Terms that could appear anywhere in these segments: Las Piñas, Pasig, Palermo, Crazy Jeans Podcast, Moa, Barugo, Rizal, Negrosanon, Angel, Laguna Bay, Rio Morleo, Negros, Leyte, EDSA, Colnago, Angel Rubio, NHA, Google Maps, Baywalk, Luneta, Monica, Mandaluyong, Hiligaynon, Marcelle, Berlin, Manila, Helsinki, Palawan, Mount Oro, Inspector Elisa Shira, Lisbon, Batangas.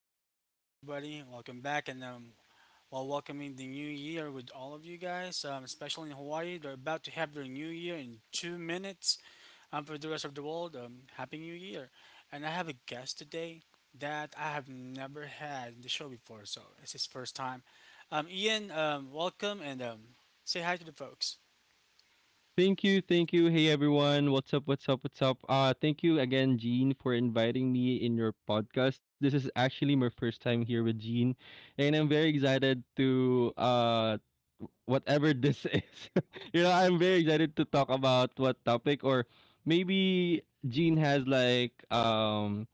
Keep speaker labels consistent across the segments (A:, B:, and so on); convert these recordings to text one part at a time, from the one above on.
A: Podcast, everybody. Welcome back, and while welcoming the new year with all of you guys, especially in Hawaii, they're about to have their new year in 2 minutes. For the rest of the world, happy new year! And I have a guest today that I have never had in the show before, so it's his first time. Ian, welcome and say hi to the folks.
B: Thank you, thank you. Hey everyone, what's up? What's up? What's up? Thank you again, Jean, for inviting me in your podcast. This is actually my first time here with Jean, and I'm very excited to whatever this is. I'm very excited to talk about what topic or maybe Jean has like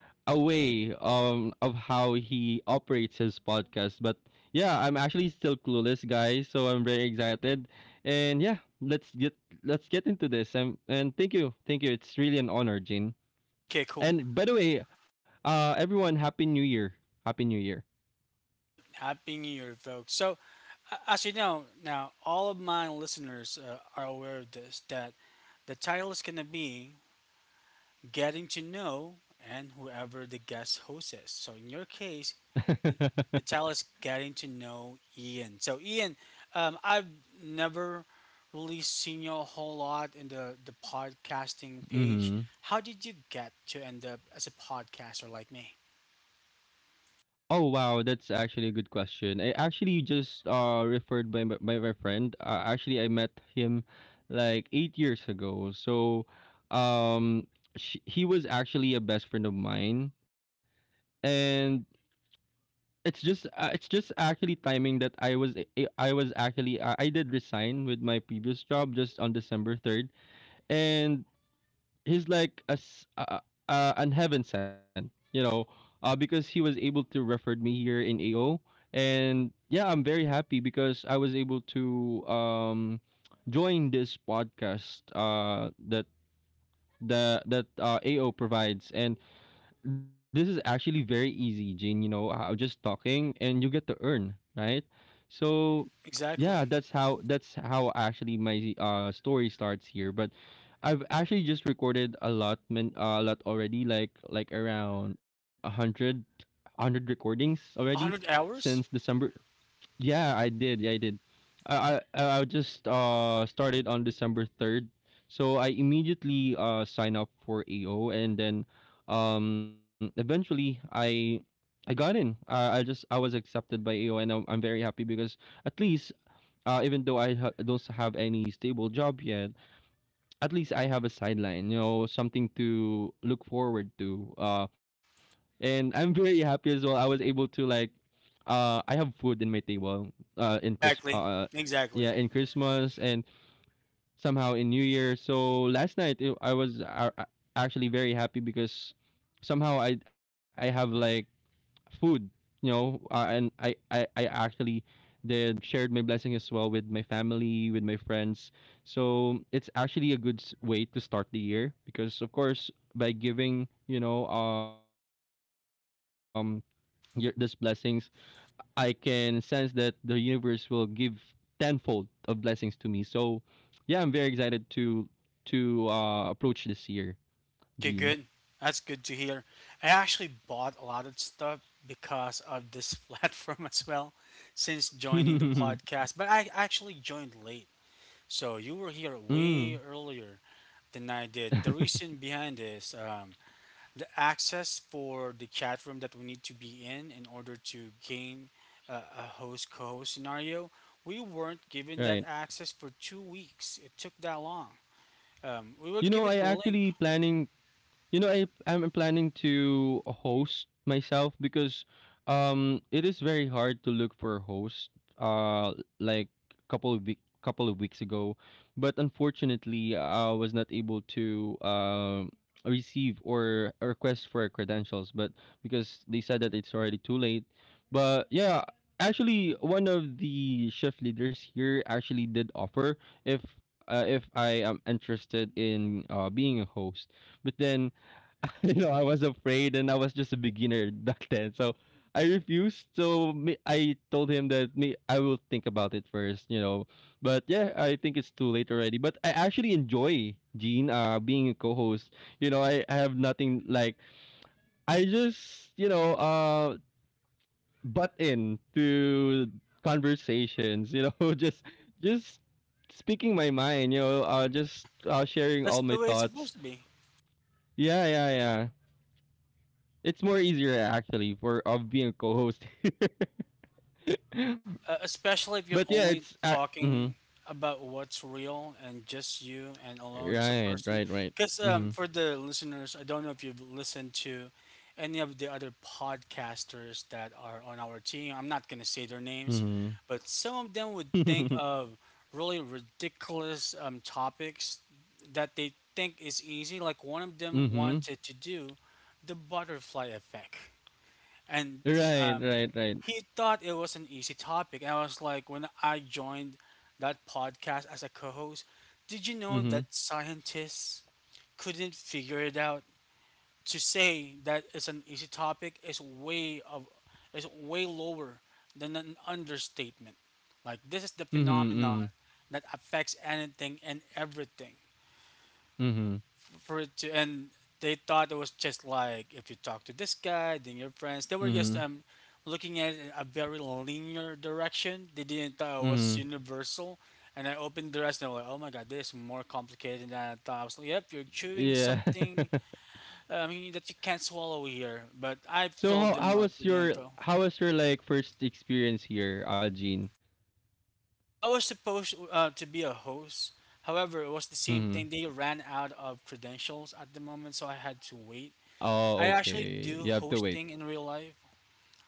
B: a way of how he operates his podcast. But yeah, I'm actually still clueless, guys. So I'm very excited, and yeah, let's get let's get into this. And thank you, thank you. It's really an honor, Jin.
A: Okay, cool.
B: And by the way, everyone, happy New Year! Happy New Year.
A: Right. Happy New Year, folks. So, as you know, now all of my listeners are aware of this that the title is going to be Getting to Know and Whoever the Guest Host is. So, in your case, the, the title is Getting to Know Ian. So, Ian, I've never really seen you a whole lot in the podcasting page.
B: Mm-hmm.
A: How did you get to end up as a podcaster like me?
B: Oh wow, that's actually a good question. I actually just referred by by my friend. Actually, I met him like 8 years ago. So, um, he was actually a best friend of mine, and it's just actually timing that I was a- I was actually I did resign with my previous job just on December 3rd, and he's like an heaven sent, because he was able to referred me here in AO, and yeah, I'm very happy because I was able to join this podcast that AO provides, and this is actually very easy, Jane. Just talking and you get to earn, right? So,
A: Exactly.
B: yeah, that's how actually my story starts here. But I've actually just recorded a lot, man, a lot already, like around a hundred, hundred recordings already
A: 100
B: since
A: hours?
B: December. Yeah, I did. Yeah, I did. I just started on December 3rd. So I immediately signed up for AO and then eventually I got in. I was accepted by AO and I'm very happy because at least even though don't have any stable job yet, at least I have a sideline, something to look forward to. And I'm very happy as well. I was able to like, I have food in my table, uh, in Chris,
A: Exactly.
B: uh, yeah,
A: Exactly.
B: in Christmas and somehow in New Year. So last night I was actually very happy because somehow I have like food, and I actually did shared my blessing as well with my family, with my friends, so it's actually a good way to start the year because of course, by giving, these blessings, I can sense that the universe will give tenfold of blessings to me. So yeah, I'm very excited to approach this year, Gene.
A: Okay, good. That's good to hear. I actually bought a lot of stuff because of this platform as well since joining
B: Mm,
A: the podcast, but I actually joined late. So you were here way earlier than I did. The reason behind is the access for the chat room that we need to be in order to gain a host co host scenario. We weren't given
B: right.
A: that access for 2 weeks. It took that long. We were
B: you know, I
A: given the link.
B: actually planning You know, I'm planning to host myself because it is very hard to look for a host like couple of weeks ago, but unfortunately I was not able to receive or request for credentials, but because they said that it's already too late. But yeah, actually one of the shift leaders here actually did offer, if if I am interested in being a host. But then I was afraid and I was just a beginner back then. So I refused. So me, I told him that me, I will think about it first. But yeah, I think it's too late already. But I actually enjoy Gene, being a co host. You know, I have nothing like, I just, butt in to conversations, just speaking my mind,
A: Yeah,
B: just sharing
A: that's
B: all
A: the
B: my
A: way it's supposed
B: thoughts.
A: to be.
B: Yeah, yeah, yeah. It's more easier actually for of being a co-host.
A: Especially if
B: But
A: you're
B: yeah, it's
A: only
B: mhm.
A: talking about what's real and just you and alone as a
B: Right,
A: person.
B: right, right.
A: Because
B: Mhm.
A: for the listeners, I don't know if you've listened to any of the other podcasters that are on our team. I'm not going to say their names,
B: Mhm.
A: but some of them would think of really ridiculous topics that they think is easy. Like one of them
B: Mhm.
A: wanted to do the butterfly effect, and
B: Right,
A: um,
B: right, right.
A: he thought it was an easy topic. And I was like, when I joined that podcast as a co-host, did you know that
B: Mhm.
A: scientists couldn't figure it out? To say that it's an easy topic is way of is way lower than an understatement. Like this is the
B: Mhm.
A: phenomenon
B: Mhm.
A: that affects anything and everything
B: Mhm.
A: for it to, and they thought it was just like if you talk to this guy then your friends, they were just
B: Mhm.
A: looking at a very linear direction. They didn't thought it was
B: Mhm.
A: universal, and I opened the rest and I was like, oh my god, this is more complicated than I thought. I was like, yep, you're chewing
B: Yeah.
A: something, that you can't swallow here. But I
B: So
A: filled them up with the info.
B: how was your like first experience here, Algene?
A: I was supposed to be a host, however it was the same
B: Mhm.
A: thing, they ran out of credentials at the moment so I had to wait.
B: Oh,
A: I actually
B: okay.
A: do
B: You have to wait.
A: hosting in real life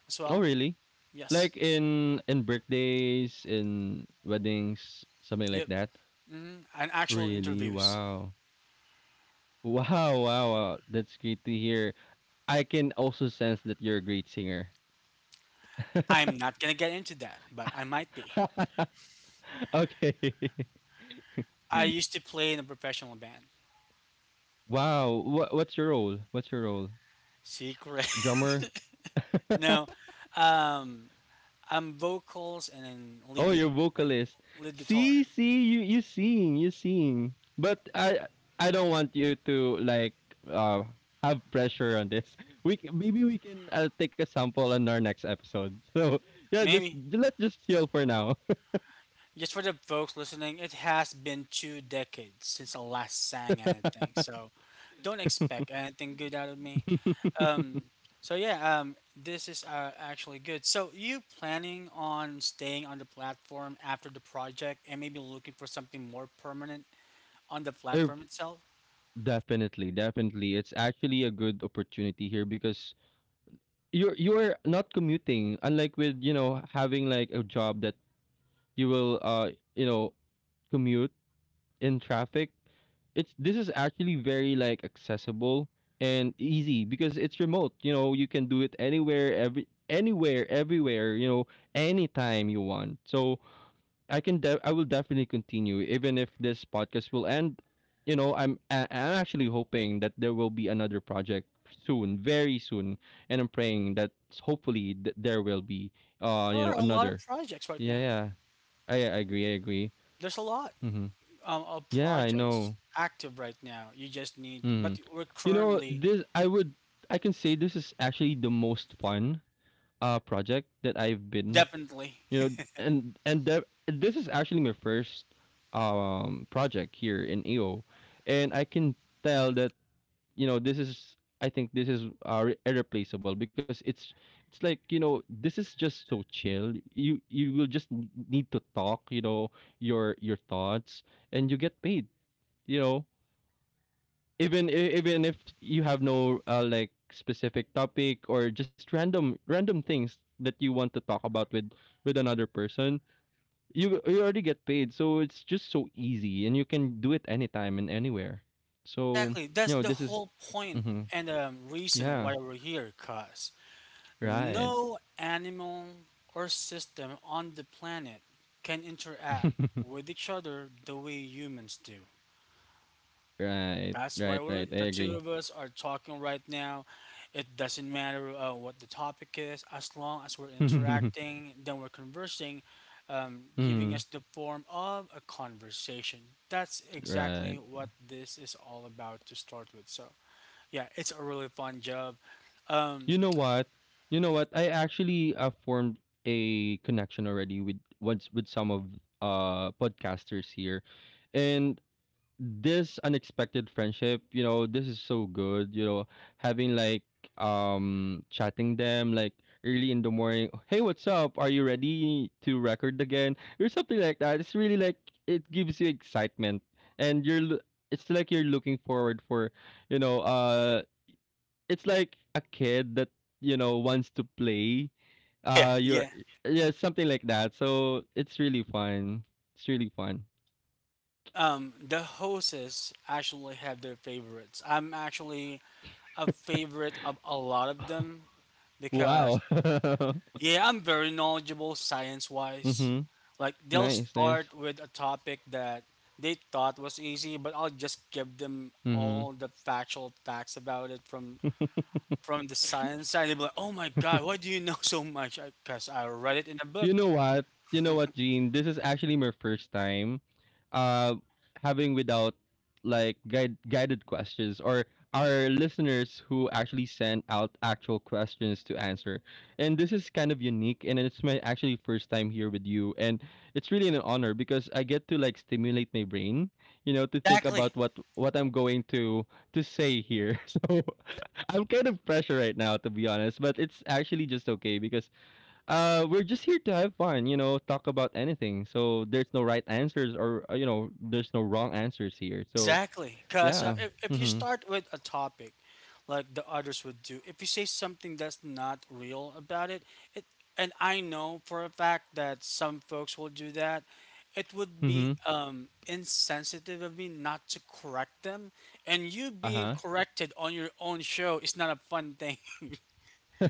A: as
B: Oh,
A: well.
B: really?
A: Yes.
B: Like in birthdays, in weddings, something like
A: Yep.
B: that.
A: And actual
B: Really?
A: interviews.
B: Wow. Wow, wow, wow. That's great to hear. I can also sense that you're a great singer.
A: I'm not gonna get into that, but I might be.
B: Okay.
A: I used to play in a professional band.
B: Wow. What's your role? What's your role?
A: Secret.
B: Drummer?
A: No. Um, I'm vocals and then
B: Oh,
A: lead, gu-
B: you're
A: lead
B: vocalist.
A: lead guitar.
B: See, see, you sing, you sing. But I don't want you to like uh have pressure on this. Maybe we can take a sample on our next episode. So yeah, just
A: Maybe
B: let's just chill for now.
A: just for the folks listening, it has been two decades since I last sang anything, so don't expect anything good out of me. Um, so yeah, this is actually good. So you planning on staying on the platform after the project and maybe looking for something more permanent on the
B: Er,
A: platform itself?
B: definitely, definitely. It's actually a good opportunity here because you're not commuting, unlike with, having like a job that you will commute in traffic. It's This is actually very like accessible and easy because it's remote. You can do it anywhere, every anywhere, everywhere. Anytime you want. So I will definitely continue even if this podcast will end. I'm actually hoping that there will be another project soon, very soon, and I'm praying that hopefully there will be
A: There are a lot of
B: another.
A: projects right
B: Yeah,
A: now.
B: yeah. I agree, I agree.
A: There's a lot
B: Mm-hmm.
A: of
B: Yeah, I
A: projects
B: know.
A: active right now. You just need, but
B: Mm.
A: we're
B: You know,
A: currently,
B: this I would I can say this is actually the most fun project that I've
A: oh,
B: been,
A: definitely.
B: you know, and this is actually my first project here in EO, and I can tell that, this is I think this is irreplaceable because it's like, this is just so chill. You will just need to talk, your thoughts, and you get paid, you know even even if you have no like specific topic, or just random things that you want to talk about with another person, you already get paid. So it's just so easy, and you can do it anytime and anywhere. So,
A: Exactly. That's the
B: this is
A: whole point
B: hmm,
A: and reason
B: yeah,
A: why we're here, cuz.
B: right.
A: No animal or system on the planet can interact with each other the way humans do.
B: Right,
A: That's
B: right,
A: why
B: right,
A: we're
B: I
A: the two
B: agree.
A: of us are talking right now. It doesn't matter what the topic is, as long as we're
B: Mm,
A: interacting, then we're conversing, giving us the form of a conversation. That's exactly
B: right.
A: what this is all about to start with. So yeah, it's a really fun job.
B: You
A: Um,
B: know what? You know what? I actually formed a connection already with once with some of podcasters here, and this unexpected friendship. You know, this is so good. Having like chatting them like early in the morning. Hey, what's up? Are you ready to record again? Or something like that. It's really like it gives you excitement, and it's like you're looking forward you know, uh, it's like a kid that wants to play.
A: yeah,
B: You're
A: yeah.
B: yeah, something like that. So it's really fun. It's really fun.
A: The hosts actually have their favorites. I'm actually a favorite of a lot of them because,
B: Wow.
A: yeah, I'm very knowledgeable science wise.
B: Mm-hmm.
A: Like, they'll
B: Nice,
A: start
B: nice.
A: with a topic that they thought was easy, but I'll just give them
B: Mm-hmm.
A: all the factual facts about it from the science side. They'll be like, oh my God, why do you know so much? Because I 'Cause I read it in a book.
B: You know what? You know what, Gene? This is actually my first time uh having without like guided questions, or our listeners who actually send out actual questions to answer. And this is kind of unique, and it's my actually first time here with you, and it's really an honor because I get to like stimulate my brain, to think
A: Exactly.
B: about what I'm going to say here. So I'm kind of pressure right now, to be honest, but it's actually just okay because we're just here to have fun, talk about anything. So there's no right answers or there's no wrong answers here. So
A: Exactly, because
B: yeah.
A: if you
B: Mhm.
A: start with a topic like the others would do, if you say something that's not real about it, it and I know for a fact that some folks will do that, it would be
B: Mhm.
A: insensitive of me not to correct them. And you being
B: Uh-huh.
A: corrected on your own show is not a fun thing,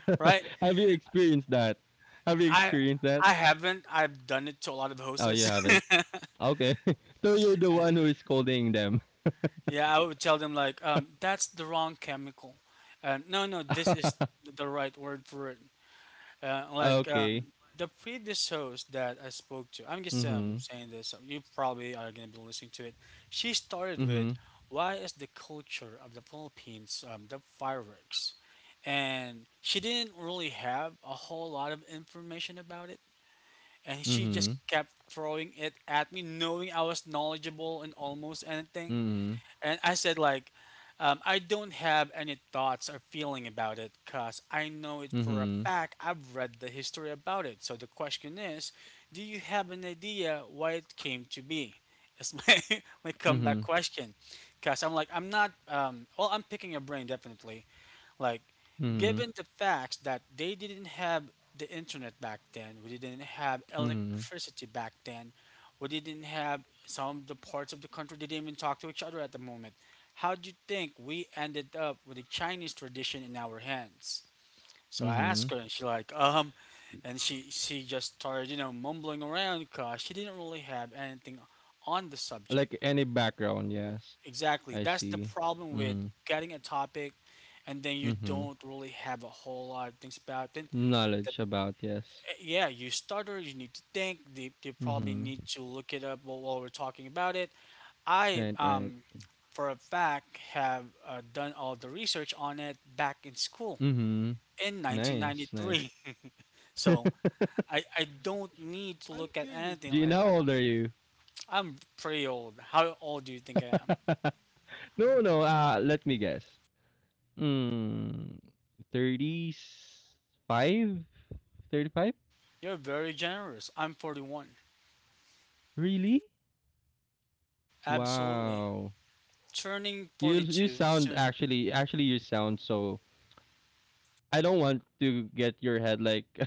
A: right?
B: Have you experienced that? Have you
A: I
B: experienced that?
A: I haven't. I've done it to a lot of
B: Oh, you
A: hosts.
B: haven't. Okay. So you're the one who is scolding them.
A: Yeah, I would tell them like, that's the wrong chemical. No, this is the right word for it.
B: Okay.
A: The previous host that I spoke to, I'm just
B: Mhm.
A: saying this. You probably are gonna be listening to it. She started with,
B: Mhm.
A: "Why is the culture of the Philippines the fireworks?" And she didn't really have a whole lot of information about it. And she just
B: Mhm.
A: kept throwing it at me, knowing I was knowledgeable in almost anything.
B: Mhm.
A: And I said like, I don't have any thoughts or feeling about it because I know it for a
B: Mhm.
A: fact. I've read the history about it. So the question is, do you have an idea why it came to be? That's my my comeback
B: Mhm.
A: question, because I'm like I'm not. Well, I'm picking your brain definitely. Like
B: Mhm.
A: given the fact that they didn't have the internet back then, we didn't have
B: Mhm.
A: electricity back then, we didn't have some of the parts of the country, they didn't even talk to each other at the moment. How do you think we ended up with the Chinese tradition in our hands? So I asked
B: Mhm.
A: her, and she like, and she just started, you know, mumbling around because she didn't really have anything on the subject.
B: Like any background, yes.
A: Exactly.
B: I
A: That's the
B: see.
A: problem with
B: Mhm.
A: getting a topic and then you
B: Mhm.
A: don't really have a whole lot of things about. The,
B: Knowledge about, yes.
A: yeah, you stutter, you need to think, you probably
B: Mhm.
A: need to look it up while we're talking about it. I,
B: Right, right.
A: um, for a fact, have done all the research on it back in school
B: Mhm.
A: in
B: Nice, nice.
A: 1993. So I don't need to
B: I'm
A: look at
B: curious,
A: anything.
B: Do
A: I,
B: Gina, how old are you?
A: I'm pretty old. How old do you think I am?
B: No, no, let me guess. Mm, 35? 35?
A: You're very generous. I'm 41.
B: Really?
A: Absolutely.
B: Wow.
A: Turning
B: You
A: 42
B: sound
A: soon.
B: actually, you sound so I don't want to get your head like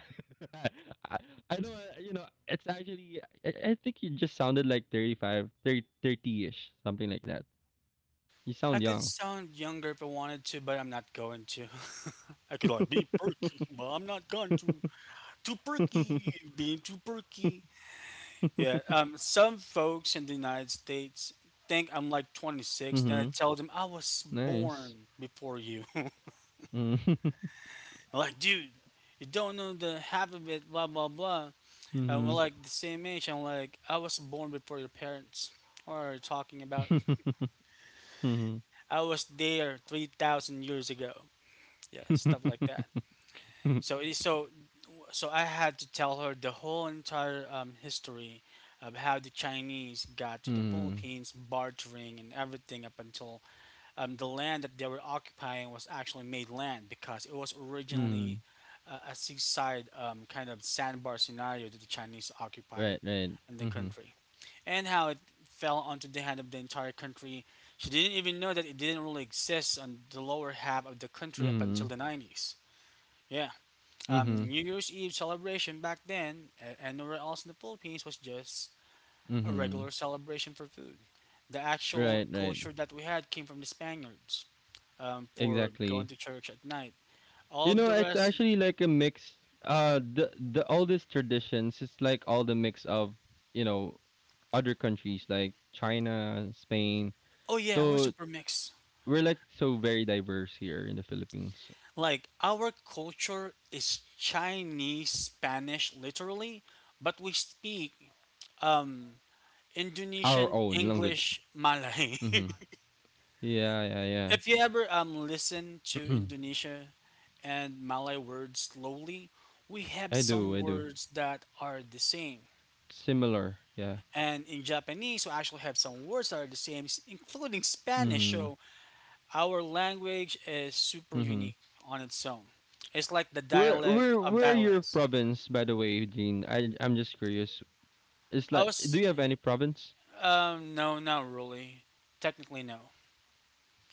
B: I, I don't, it's actually, I think you just sounded like 35, 30 ish, something like that. You
A: I
B: sound
A: could
B: young.
A: sound younger if I wanted to, but I'm not going to. I could like be perky, but I'm not going to. Being too perky. Yeah, some folks in the United States think I'm like 26. Then I
B: Mm-hmm.
A: tell them I was
B: Nice.
A: born before you.
B: Mm-hmm.
A: I'm like, dude, you don't know the half of it. Blah blah blah. And we're like the same age. I'm like, I was born before your parents. What are you talking about?
B: Mm-hmm.
A: I was there 3,000 years ago. Yeah, stuff like that. so it- so so I had to tell her the whole entire history of how the Chinese got to the
B: Mm-hmm.
A: Philippines, bartering and everything up until the land that they were occupying was actually made land because it was
B: Mm-hmm.
A: originally a seaside kind of sandbar scenario that the Chinese
B: Right,
A: occupied
B: right.
A: in the
B: Mm-hmm.
A: country, and how it fell onto the hand of the entire country. She didn't even know that it didn't really exist on the lower half of the country up
B: Mm-hmm.
A: until the 90s. Yeah.
B: Mm-hmm.
A: New Year's Eve celebration back then and nowhere else in the Philippines was just a
B: Mm-hmm.
A: regular celebration for food. The actual
B: Right, right.
A: culture that we had came from the Spaniards, for going
B: Exactly.
A: to church at night. All
B: You
A: of
B: know,
A: the
B: it's
A: rest,
B: actually like a mix. The all these traditions, it's like all the mix of, you know other countries like China, Spain.
A: oh yeah, we're
B: So
A: super mixed.
B: we're like so very diverse here in the Philippines.
A: Like our culture is Chinese Spanish literally, but we speak um,
B: Our
A: Indonesian
B: own language.
A: English Malay.
B: Mm-hmm. Yeah, yeah, yeah.
A: If you ever listen to Indonesia and Malay words slowly, we have
B: I do,
A: some
B: I do.
A: words that are the same.
B: Similar, yeah.
A: And in Japanese, we actually have some words that are the same, including Spanish.
B: Mm-hmm.
A: So our language is super
B: Mm-hmm.
A: unique on its own. It's like the dialect of
B: Where your
A: dialects.
B: province, by the way, Eugene? I'm just curious. It's
A: I
B: like, do
A: was,
B: you have any province?
A: no, not really. Technically, no.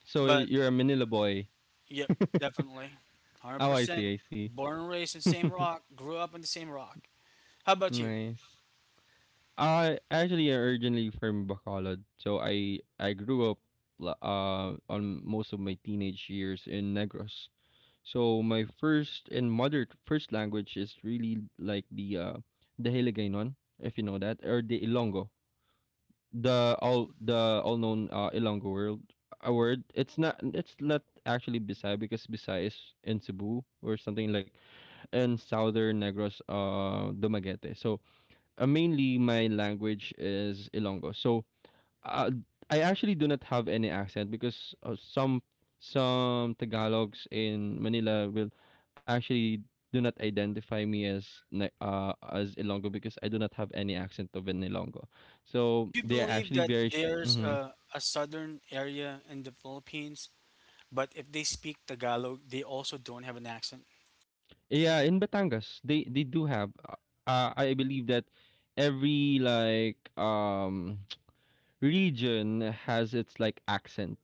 B: So
A: But
B: you're a Manila boy.
A: yep, definitely, one hundred
B: Oh, I
A: percent.
B: see, I see.
A: Born and raised in the same rock, grew up in the same rock. How about you?
B: Nice. I'm originally from Bacolod, so I grew up on most of my teenage years in Negros. So my first and mother first language is really like the Hiligaynon, if you know that, or the Ilongo, the all known Ilongo world a word. It's not actually Bisaya, because Bisaya is in Cebu or something like in southern Negros, Dumaguete. So mainly my language is Ilonggo. So uh, I actually do not have any accent because some Tagalogs in Manila will actually do not identify me as as Ilonggo, because I do not have any accent of an Ilonggo. So
A: Would you
B: they are
A: believe
B: actually
A: that
B: very
A: there's
B: mhm.
A: a southern area in the Philippines, but if they speak Tagalog, they also don't have an accent?
B: Yeah, in Batangas they do have. I believe that every like region has its like accent.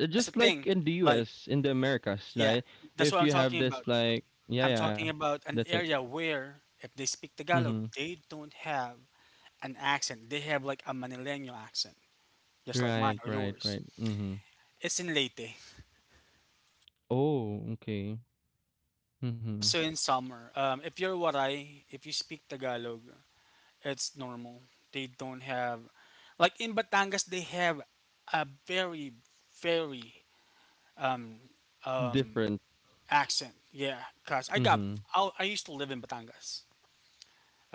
A: That's the
B: Just like
A: thing.
B: in the
A: Like,
B: US, in the Americas,
A: yeah,
B: like
A: that's
B: if
A: what I'm
B: you
A: talking
B: have this
A: about.
B: like yeah,
A: I'm
B: yeah, yeah.
A: talking about an
B: That's it.
A: area where if they speak Tagalog,
B: Mhm.
A: they don't have an accent. They have like a Manileño accent, just like mine
B: Right,
A: or
B: right,
A: yours.
B: right. Mhm.
A: It's in Leyte.
B: Oh, okay. Mhm.
A: Also in summer. If you're Waray, if you speak Tagalog, it's normal. They don't have like in Batangas they have a very very um um
B: Different.
A: accent. Yeah, cause
B: Mhm.
A: I used to live in Batangas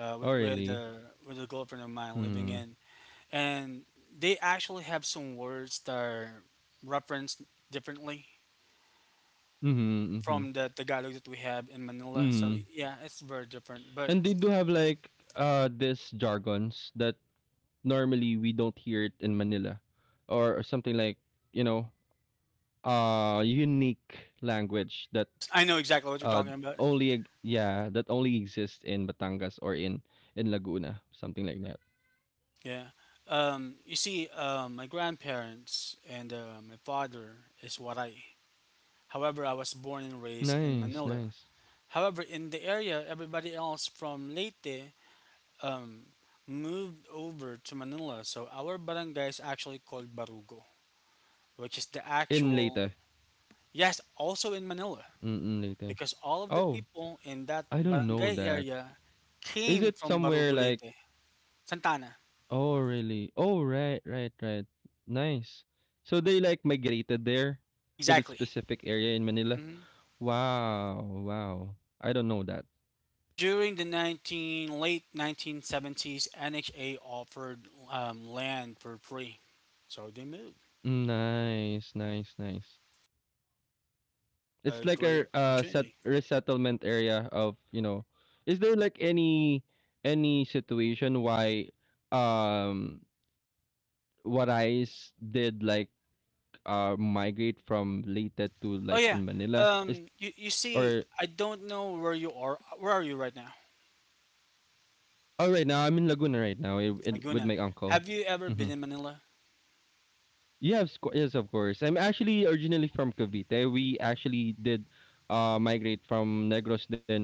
B: Oh,
A: with
B: really?
A: with, uh, with a girlfriend of mine living
B: Mhm.
A: in and they actually have some words that are referenced differently
B: Mhm. Mhm.
A: from the Tagalog that we have in Manila. So
B: Mhm.
A: yeah, it's very different. But
B: And they do have like this jargons that normally we don't hear it in Manila or something like, you know, unique language that
A: yes, I know exactly what you're
B: uh
A: talking about.
B: yeah, that only exists in Batangas or in Laguna, something like that.
A: Yeah. You see, my grandparents and my father is what I. However, I was born and raised in
B: Nice,
A: Manila.
B: nice.
A: However, in the area, everybody else from Leyte um, moved over to Manila. So our barangay is actually called Barugo, which is the
B: In
A: actual.
B: later.
A: Yes, also in Manila,
B: Mm, later.
A: because all of the
B: Oh,
A: people in that
B: I don't know
A: barangay
B: that.
A: area
B: Is
A: came
B: it
A: from
B: somewhere
A: Barugo
B: like,
A: Leyte, Santana.
B: oh really, oh right, right, right. Nice. So they like migrated there to the
A: Exactly.
B: specific area in Manila.
A: Mhm.
B: Wow, wow. I don't know that.
A: During the 19, late 1970s, NHA offered land for free, so they moved.
B: Nice, nice, nice.
A: It's
B: It's
A: a
B: like
A: great
B: a set
A: opportunity.
B: resettlement area of, you know, is there like any situation why um what I s- did like migrate from Leyte to
A: Oh
B: like
A: yeah,
B: in Manila? Is
A: you see,
B: or,
A: I don't know where you are. Where are you right now,
B: oh right now I'm in Laguna right now in, with
A: Laguna?
B: my uncle.
A: Have you ever
B: Mm-hmm.
A: been in Manila?
B: Yes, of course. I'm actually originally from Cavite. We actually did migrate from Negros then.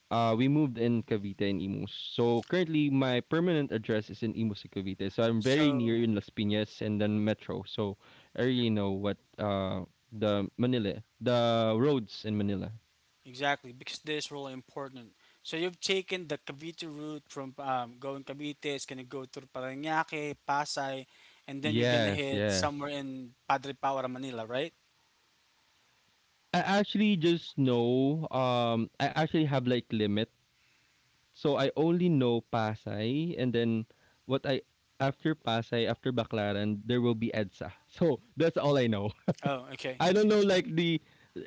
B: We moved in Cavite and Imus. So currently, my permanent address is in Imus, in Cavite. So I'm very near
A: So
B: in Las Piñas and then Metro. So I really know what the Manila, the roads in Manila.
A: exactly, because this is really important. So you've taken the Cavite route from going Cavite, it's gonna go through Parañaque, Pasay, and then you're gonna
B: Yes,
A: hit
B: yes.
A: somewhere in Padre Power, Manila, right?
B: I actually just know. I actually have like limit. So I only know Pasay, and then what I after Pasay, after Baclaran, there will be EDSA. So that's all I know.
A: Oh, okay.
B: I don't know like the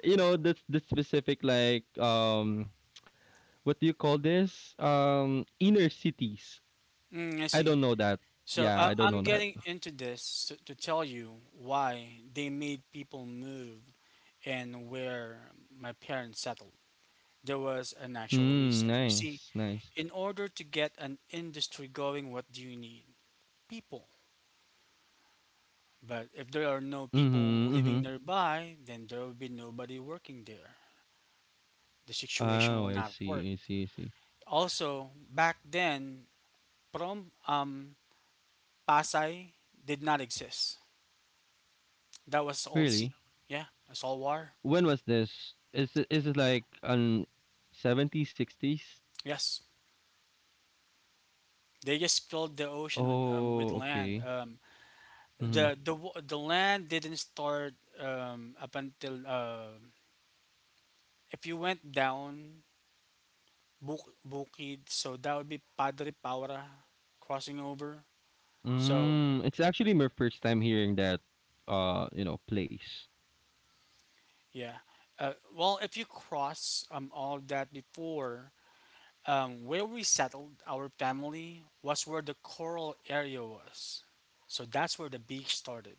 B: you know the specific like what do you call this inner cities.
A: Mm, I
B: I
A: see.
B: don't know that.
A: So
B: Yeah, I don't
A: I'm
B: know that.
A: getting into this to tell you why they made people move and where my parents settled. There was an actual
B: Mm,
A: reason. You see,
B: nice, nice.
A: in order to get an industry going, what do you need? People. But if there are no people
B: Mhm,
A: living
B: mhm.
A: nearby, then there will be nobody working there. The situation will
B: Oh, I
A: not work.
B: see, I see, I see.
A: Also, back then, prom Pasay did not exist. That was all sea.
B: Really?
A: Yeah, it's all water.
B: When was this? Is it like an 70s, 60s?
A: Yes, they just filled the ocean with
B: Oh,
A: land.
B: okay. Mhm.
A: The land didn't start up until if you went down Bukid, so that would be Padre Paura crossing over. So
B: Mm, it's actually my first time hearing that you know, place.
A: yeah, well if you cross all of that before. Where we settled our family was where the coral area was. So that's where the beach started,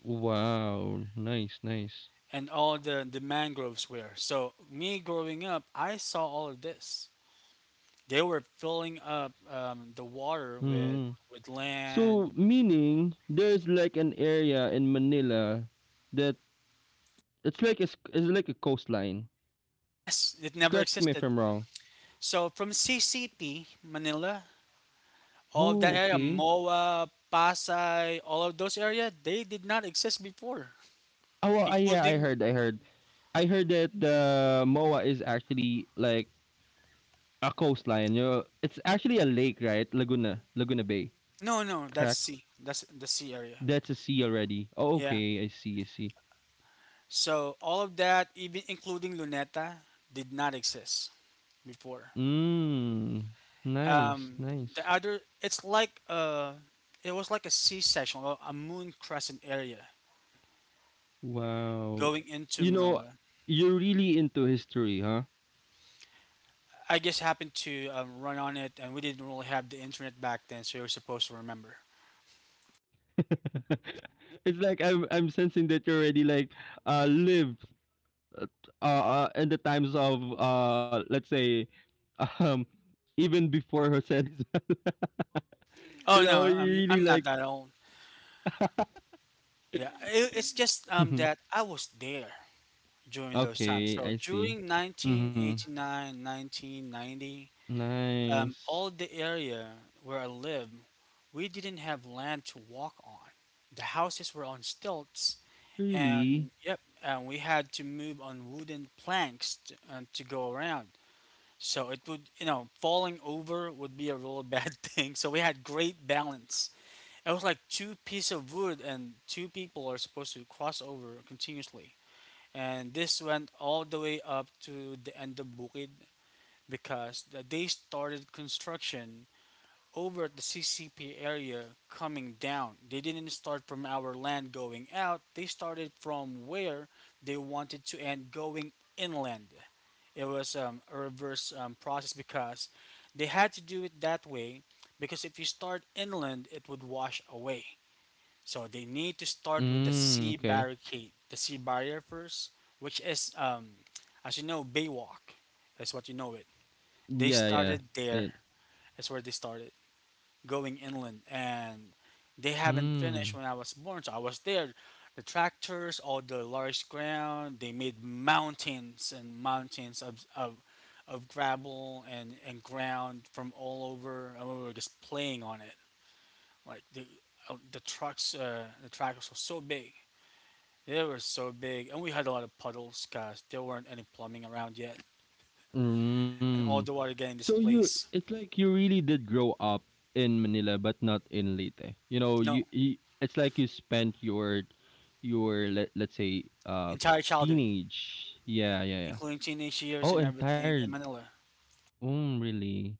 B: Wow, nice, nice.
A: and all the mangroves were. So me growing up, I saw all of this. They were filling up the water with
B: Mm.
A: land.
B: So meaning there's like an area in Manila that it's like a, it's like a coastline.
A: Yes, it never
B: Correct me if
A: existed.
B: I'm wrong.
A: So from CCP, Manila, all of
B: Oh,
A: that area,
B: okay.
A: Moa, Pasay, all of those areas, they did not exist before,
B: Oh, well, I, yeah, I
A: including
B: heard, I heard. I heard that the MOA is actually like a coastline. You know, it's actually a lake, right? Laguna, Laguna Bay.
A: no, no, that's
B: Correct.
A: C, that's the C area.
B: That's a sea already. Oh,
A: Yeah.
B: okay, I see, I see.
A: So all of that, even including Luneta, did not exist before.
B: Mm. Nice,
A: Um,
B: nice.
A: the other, it's like it was like a sea section or a moon crescent area
B: Wow.
A: going into
B: You know,
A: Manila.
B: you're really into history, huh?
A: I just happened to run on it, and we didn't really have the internet back then, so you're supposed to remember.
B: It's like I'm sensing that you already like live in the times of let's say um even before Jose Rizal. You
A: Oh
B: know,
A: no,
B: you
A: I'm
B: really
A: I'm not
B: like
A: that old. Yeah, it's just
B: mhm.
A: that I was there during those times.
B: Okay,
A: So
B: I see.
A: during nineteen
B: Mhm.
A: eighty nine, 1990,
B: Nice.
A: all the area where I live, we didn't have land to walk on. The houses were on stilts,
B: Really?
A: and yep, and we had to move on wooden planks to go around. So it would, you know, falling over would be a real bad thing. So we had great balance. It was like two pieces of wood, and two people are supposed to cross over continuously. And this went all the way up to the end of Bukid because they started construction over at the CCP area coming down. They didn't start from our land going out, they started from where they wanted to end going inland. It was a reverse process because they had to do it that way because if you start inland, it would wash away. So they need to start with the sea
B: Mm, okay.
A: barricade, the sea barrier first, which is, as you know, Baywalk. That's what you know it. They
B: Yeah, yeah.
A: started
B: It,
A: there. That's where they started going inland, and they haven't finished
B: mm.
A: when I was born. So I was there. The tractors, all the large ground, they made mountains and mountains of gravel and ground from all over, and we were just playing on it. Like the tractors were so big. They were so big, and we had a lot of puddles because there weren't any plumbing around yet, and all
B: Mm.
A: the water getting
B: So you
A: displaced.
B: it's like you really did grow up in Manila but not in Leyte. You know, you,
A: No,
B: you it's like you spent your let's say
A: entire childhood,
B: teenage. Yeah, yeah, yeah.
A: including teenage years
B: Oh,
A: and everything
B: entire,
A: in Manila.
B: mm, really.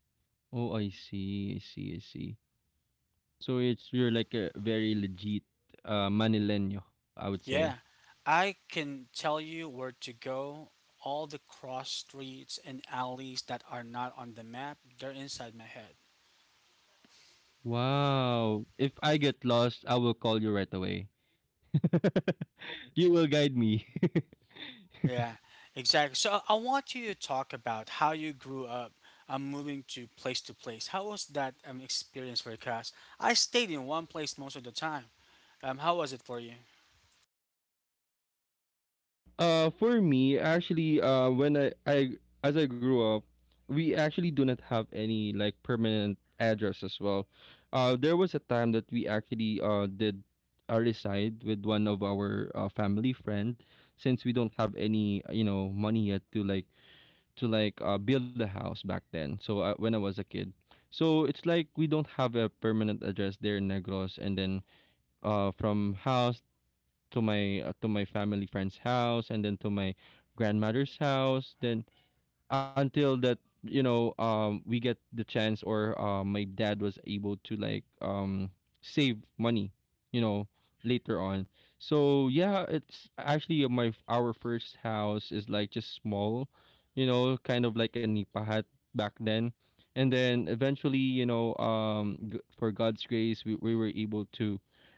B: Oh, I see. I see. I see. So it's you're like a very legit Manileño, I would
A: Yeah,
B: say.
A: I can tell you where to go. All the cross streets and alleys that are not on the map, they're inside my head.
B: Wow. If I get lost, I will call you right away. You will guide me.
A: Yeah, exactly. So I want you to talk about how you grew up moving to place to place. How was that experience for you? Cause I stayed in one place most of the time. How was it for you?
B: For me, actually, when I as I grew up, we actually do not have any like permanent address as well. There was a time that we actually did reside with one of our family friend, since we don't have any, you know, money yet to like build a house back then. So when I was a kid, so it's like we don't have a permanent address there in Negros, and then from house to my family friend's house, and then to my grandmother's house, then until that, you know, we get the chance, or my dad was able to like save money, you know, later on. So yeah, it's actually my our first house is like just small, you know, kind of like a nipa hut back then. And then eventually, you know, for god's grace, we were able to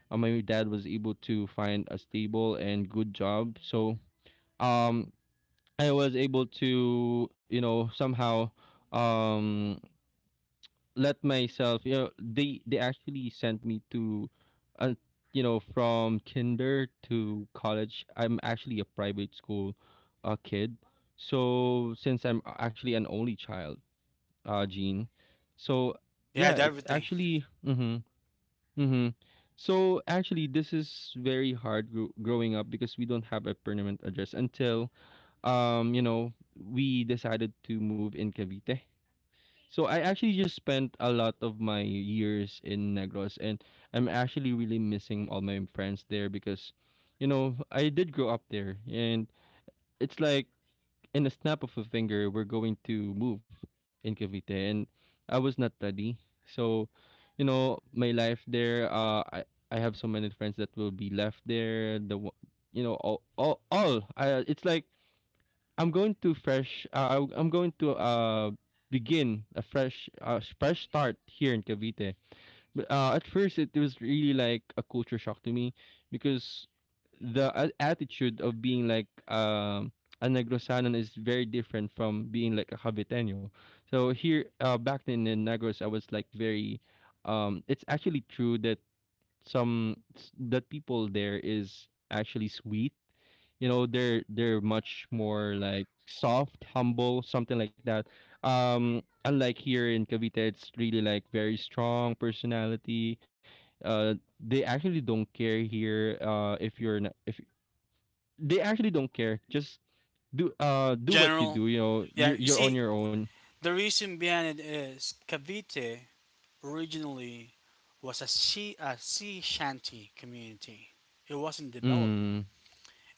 B: my dad was able to find a stable and good job. So um I was able to, you know, somehow, um let myself, you know, they actually sent me to uh, you know, from kinder to college. I'm actually a private school kid. So since I'm actually an only child, Gene. So
A: You had
B: yeah, it's
A: everything
B: actually mhm, mhm. So actually this is very hard growing up, because we don't have a permanent address until, you know, we decided to move in Cavite. So I actually just spent a lot of my years in Negros, and I'm actually really missing all my friends there, because you know, I did grow up there. And it's like in a snap of a finger we're going to move in Cavite, and I was not ready. So, you know, my life there I have so many friends that will be left there. The you know, it's like I'm going to fresh. I'm going to begin a fresh, fresh start here in Cavite. But at first, it was really like a culture shock to me, because the attitude of being like a Negrosanon is very different from being like a Caviteño. So here, back then in Negros, I was like very. It's actually true that some the people there is actually sweet. You know, they're much more like soft, humble, something like that. Unlike here in Cavite, it's really like very strong personality. Uh, they actually don't care here. If you're not, if they actually don't care, just do
A: in
B: do what you
A: general.
B: do. You know,
A: Yeah,
B: you're
A: you
B: you're on
A: see,
B: your own.
A: the reason behind it is Cavite originally was a sea shanty community. It wasn't developed,
B: Mm,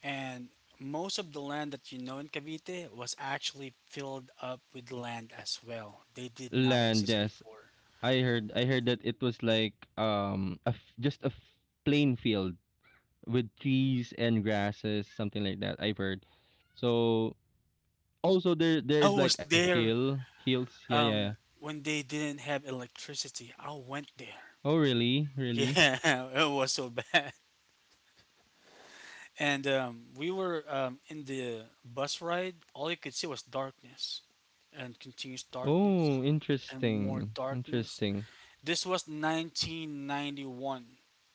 A: and most of the land that you know in Cavite was actually filled up with land as well. They did not
B: land,
A: exist
B: yes.
A: before.
B: I heard, I heard that it was like just a plain field with trees and grasses, something like that. I've heard. So also there
A: I
B: there's
A: was
B: like a
A: there
B: hill, hills. Yeah, yeah, yeah.
A: when they didn't have electricity. I went there.
B: Oh, really? Really?
A: Yeah, it was so bad. And we were in the bus ride. All you could see was darkness and continuous darkness
B: Oh,
A: and more
B: interesting.
A: darkness.
B: Interesting.
A: This was 1991,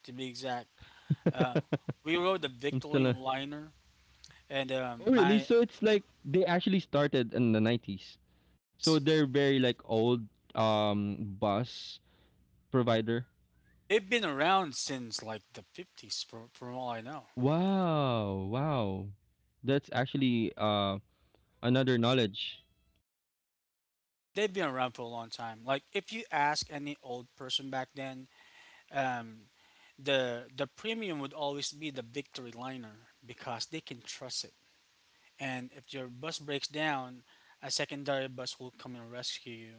A: to be exact. Uh, we rode the
B: I'm still
A: Victory
B: a.
A: liner, and
B: Oh, really?
A: my
B: So it's like they actually started in the 90s. So
A: yes,
B: they're very like old bus provider.
A: they've been around since like the 50s, from all I know.
B: Wow, wow. That's actually another knowledge.
A: They've been around for a long time. Like if you ask any old person back then, um, the premium would always be the Victory liner because they can trust it. And if your bus breaks down, a secondary bus will come and rescue you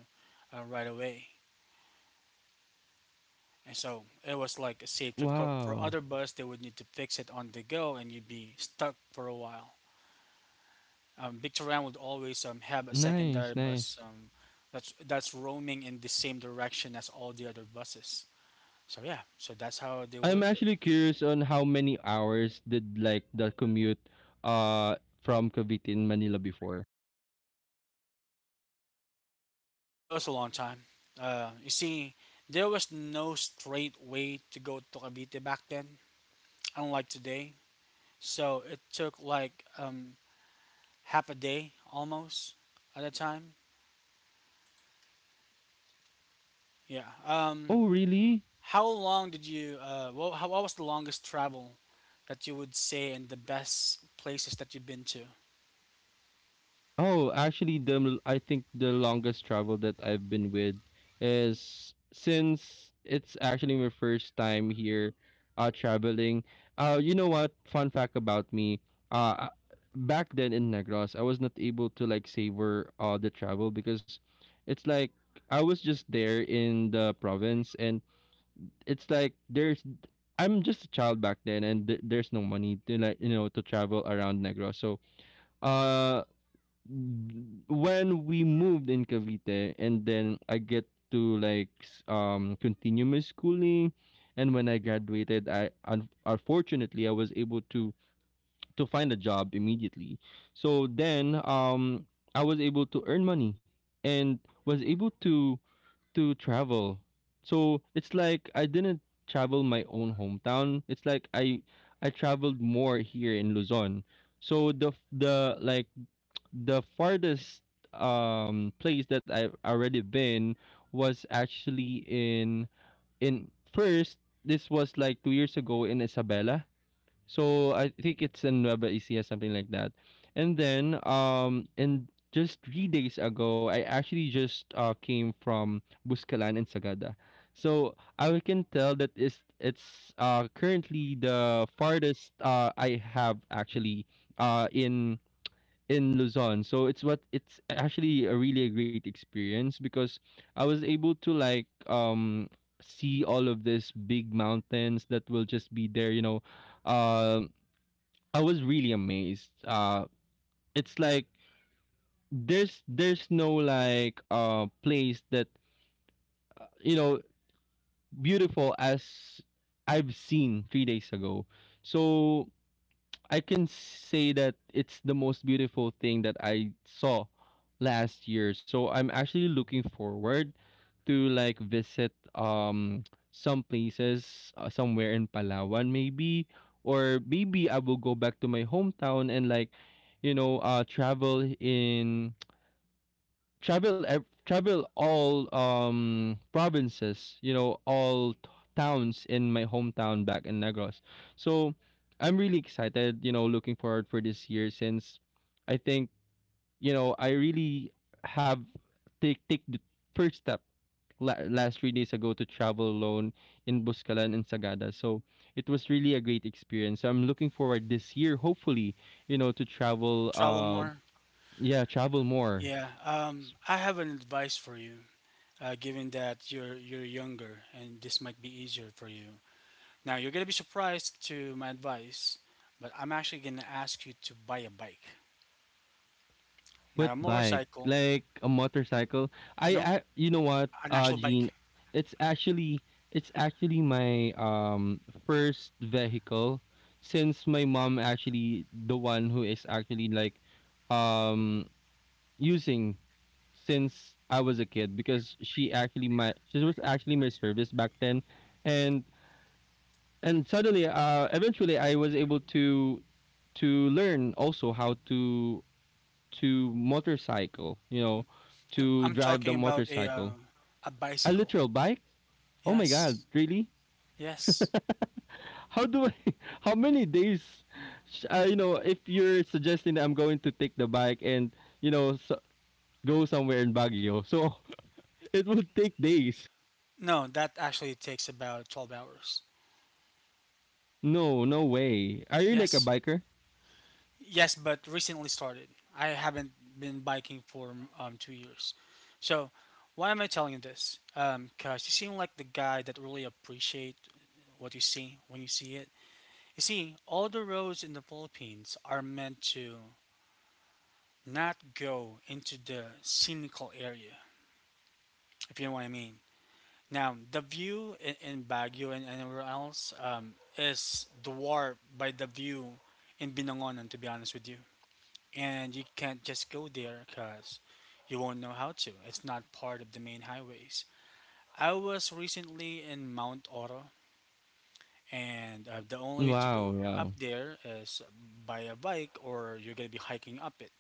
A: right away. And so it was like a safety code for
B: Wow.
A: other bus. They would need to fix it on the go, and you'd be stuck for a while. Victorian would always have a
B: Nice,
A: secondary bus
B: nice.
A: that's roaming in the same direction as all the other buses. So yeah, so that's how they
B: I'm
A: worked it.
B: actually curious on how many hours did like the commute uh from Cavite in Manila before.
A: It was a long time. You see, there was no straight way to go to Cavite back then, unlike today. So it took like half a day almost at a time. Yeah.
B: Oh, really?
A: How long did you? Well, what was the longest travel that you would say and the best places that you've been to?
B: Oh, actually I think the longest travel that I've been with is since it's actually my first time here traveling. You know what? Fun fact about me. Uh back then in Negros, I was not able to like savor the travel because it's like I was just there in the province, and it's like there's I'm just a child back then, and there's no money to like, you know, to travel around Negros. So uh, when we moved in Cavite, and then I get to like continue my schooling, and when I graduated, unfortunately I was able to find a job immediately. So then I was able to earn money and was able to travel. So it's like I didn't travel my own hometown. It's like I traveled more here in Luzon. So the f- the like the farthest place that I've already been was actually in first this was like 2 years ago in Isabela, so I think it's in Nueva Ecija, something like that. And then and just three days ago, I actually just came from Buscalan and Sagada. So I can tell that it's currently the farthest I have actually uh in in Luzon. So it's what it's actually a really a great experience, because I was able to like see all of these big mountains that will just be there, you know, um I was really amazed. It's like there's no like place that, you know, beautiful as I've seen three days ago. So I can say that it's the most beautiful thing that I saw last year. So I'm actually looking forward to like visit some places somewhere in Palawan maybe, or maybe I will go back to my hometown and like travel in travel all provinces, all towns in my hometown back in Negros. So I'm really excited, looking forward for this year, since I think I really have take the first step last 3 days ago to travel alone in Buscalan and Sagada. So it was really a great experience. So I'm looking forward this year, hopefully, to travel.
A: Travel more.
B: Yeah, travel more.
A: Yeah. I have an advice for you. Given that you're younger and this might be easier for you. Now you're gonna be surprised to my advice, but I'm actually gonna ask you to buy a bike, not
B: What
A: a
B: bike?
A: motorcycle.
B: Like a motorcycle? I,
A: No,
B: I you know what,
A: an actual bike.
B: Gene, it's actually, it's actually my first vehicle, since my mom actually the one who is actually like um using since I was a kid, because she actually my, she was actually my service back then, and suddenly eventually I was able to learn also how to motorcycle, you know,
A: No,
B: to
A: I'm
B: drive
A: talking
B: the
A: about
B: motorcycle.
A: a
B: A
A: bicycle.
B: literal bike. Oh my god,
A: Yes.
B: really?
A: Yes.
B: How do I how many days you know, if you're suggesting that I'm going to take the bike and, you know, so go somewhere in Baguio, so it would take days.
A: No, that actually takes about 12 hours.
B: No, no way. Are you like a
A: Yes.
B: biker?
A: Yes, but recently started. I haven't been biking for 2 years. So, why am I telling you this? Because you seem like the guy that really appreciate what you see when you see it. You see, all the roads in the Philippines are meant to not go into the scenical area, if you know what I mean. Now, the view in Baguio and anywhere else is dwarfed by the view in Binangonan, to be honest with you. And you can't just go there because you won't know how to. It's not part of the main highways. I was recently in Mount Oro, and the only way to go
B: Wow, wow.
A: up there is by a bike or you're going to be hiking up it.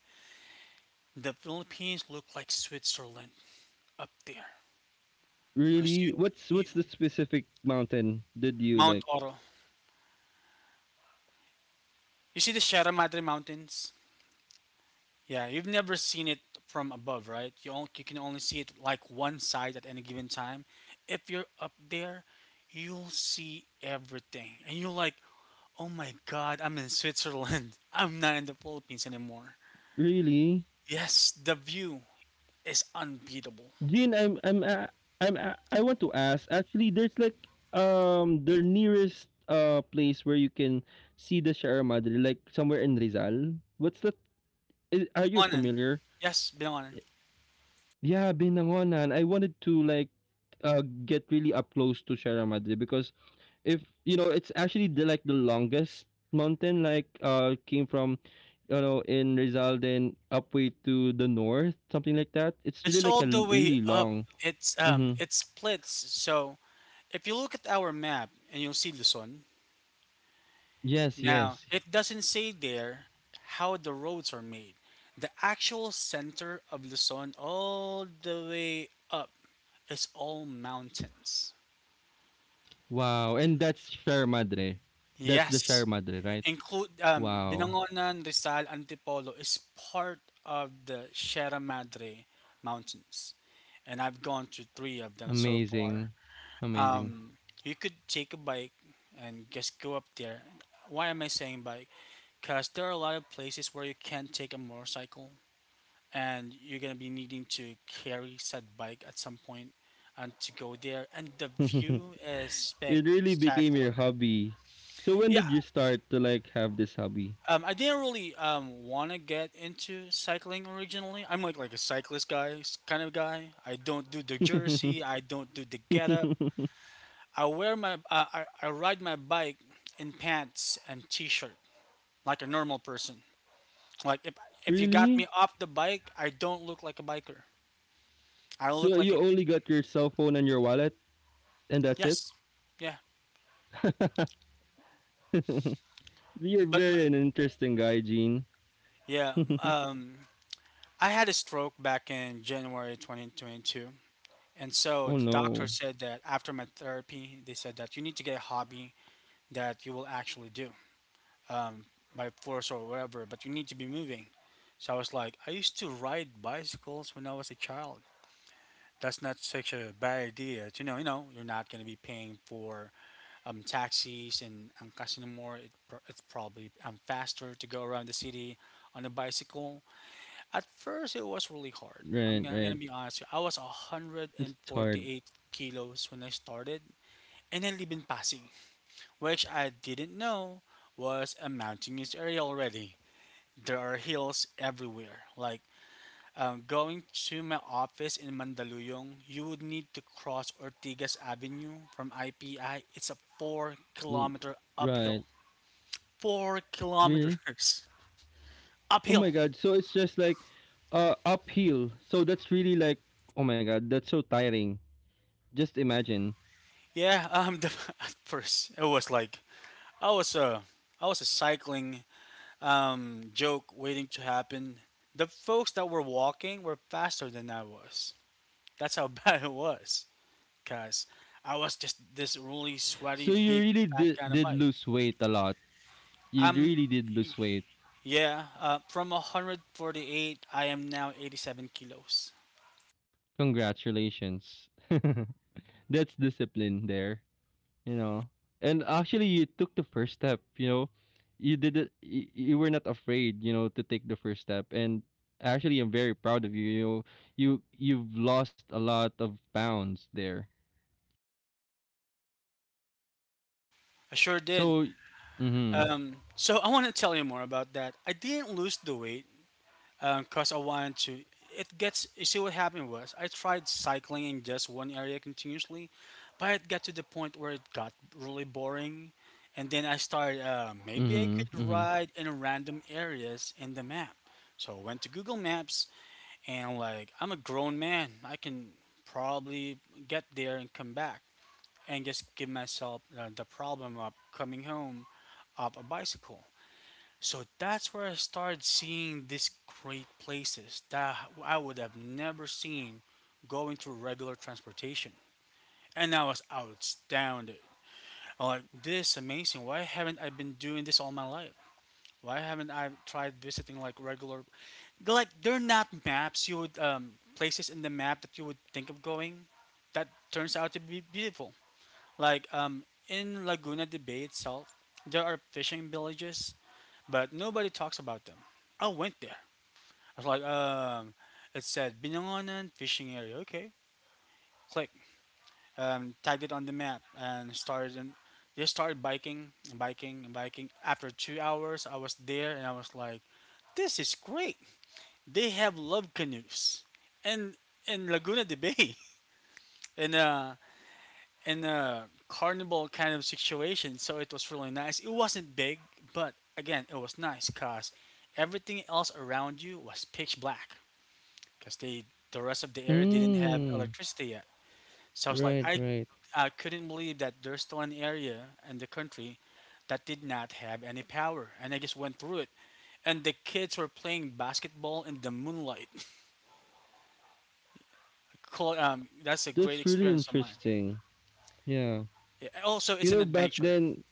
A: The Philippines look like Switzerland up there because
B: Really? What's
A: you, you,
B: the specific mountain did you
A: Mount
B: like?
A: Oro. You see the Sierra Madre Mountains? Yeah, you've never seen it from above, right? You can only see it like one side at any given time. If you're up there, you'll see everything, and you're like, "Oh my God, I'm in Switzerland. I'm not in the Philippines anymore."
B: Really?
A: Yes, the view is unbeatable.
B: Jean, I'm I want to ask. Actually, there's like the nearest place where you can see the Sierra Madre, like somewhere in Rizal. What's that? Are you
A: Binangonan,
B: familiar?
A: yes, Binangonan.
B: Yeah, Binangonan. I wanted to like get really up close to Sierra Madre, because if you know, it's actually the, like the longest mountain, like came from, you know, in Rizal then up way to the north, something like that. It's really
A: It's
B: like
A: all the way
B: really
A: up.
B: long.
A: It's
B: Mm-hmm.
A: it splits. So if you look at our map and you'll see Luzon,
B: Yes,
A: now,
B: yes.
A: it doesn't say there how the roads are made. The actual center of Luzon, all the way up, is all mountains.
B: Wow, and that's Sierra Madre? That's the
A: Yes,
B: Sierra Madre, right?
A: include
B: Wow.
A: Binangonan, Rizal, Antipolo is part of the Sierra Madre Mountains, and I've gone to three of them so
B: Amazing,
A: far.
B: amazing.
A: Um, you could take a bike and just go up there. Why am I saying bike? Because there are a lot of places where you can't take a motorcycle and you're gonna be needing to carry said bike at some point and to go there and the
B: It
A: view is
B: really became your
A: spectacular.
B: hobby. So when
A: Yeah.
B: did you start to like have this hobby?
A: I didn't really want to get into cycling originally. I'm like a cyclist guy, kind of guy. I don't do the jersey, I don't do the getup. I wear my I ride my bike in pants and t-shirt, like a normal person. like if, if you got
B: Really?
A: me off the bike, I don't look like a biker. I
B: So
A: look like
B: you
A: a
B: only got your cell phone and your wallet, and that's it?
A: yes, yeah.
B: You're
A: But m-
B: very an interesting guy, Gene.
A: yeah,
B: Oh,
A: um, I had a stroke back in January 2022. And so the doctor
B: no.
A: said that after my therapy, they said that you need to get a hobby that you will actually do, um, by force or whatever, but you need to be moving. So I was like, I used to ride bicycles when I was a child. That's not such a bad idea. To know, you know, you're not going to be paying for taxis and Angkas anymore. It's probably faster to go around the city on a bicycle. At first, it was really hard.
B: Right,
A: I'm gonna be
B: right.
A: honest with you. I was
B: It's hard.
A: 148 kilos when I started, and I live in Pasig, which I didn't know was a mountainous area already. There are hills everywhere. Like, going to my office in Mandaluyong, you would need to cross Ortigas Avenue from IPI. It's a four
B: Wo-
A: kilometer
B: Right.
A: uphill. 4 kilometers
B: Really? Oh
A: uphill.
B: my god. So it's just like uphill. So that's really like, oh my god, that's so tiring. Just imagine.
A: Yeah, at first it was like I was a I was a cycling joke waiting to happen. The folks that were walking were faster than I was. That's how bad it was, guys. I was just this really
B: So
A: sweaty,
B: you
A: big,
B: really
A: fat
B: did
A: kind of
B: did
A: bike.
B: lose weight a lot. You
A: I'm
B: really did lose weight.
A: yeah. From 148, I am now 87 kilos.
B: Congratulations. That's discipline there. You know, and actually you took the first step, you know, you did it. You were not afraid, you know, to take the first step. And actually I'm very proud of you, you know. You, you've lost a lot of pounds there.
A: I sure did.
B: So mm-hmm.
A: So I want to tell you more about that. I didn't lose the weight because I wanted to. It gets. You see what happened was I tried cycling in just one area continuously, but it got to the point where it got really boring, and then I started. Maybe I
B: Mm-hmm.
A: could
B: Mm-hmm.
A: ride in random areas in the map. So I went to Google Maps, and like, I'm a grown man, I can probably get there and come back and just give myself the problem of coming home of a bicycle. So that's where I started seeing these great places that I would have never seen going through regular transportation. And I was astounded. I'm like, this is amazing. Why haven't I been doing this all my life? Why haven't I tried visiting, like, regular, like, they're not maps you would, places in the map that you would think of going that turns out to be beautiful. Like, in Laguna de Bay itself, there are fishing villages, but nobody talks about them. I went there, I was like, it said Binangonan fishing area. Okay, click. Tagged it on the map and started. They started biking and biking and biking. After 2 hours, I was there and I was like, this is great. They have love canoes, and in Laguna de Bay, in a in a carnival kind of situation. So it was really nice. It wasn't big, but again, it was nice because everything else around you was pitch black, because the rest of the area didn't have
B: Mm.
A: electricity yet. So I was like,
B: Right, right.
A: I couldn't believe that there's still an area in the country that did not have any power, and I just went through it. And the kids were playing basketball in the moonlight. Cool, that's a great
B: That's really
A: experience of mine.
B: interesting. Yeah.
A: Yeah, also, it's
B: You
A: an
B: know, back
A: adventure.
B: then,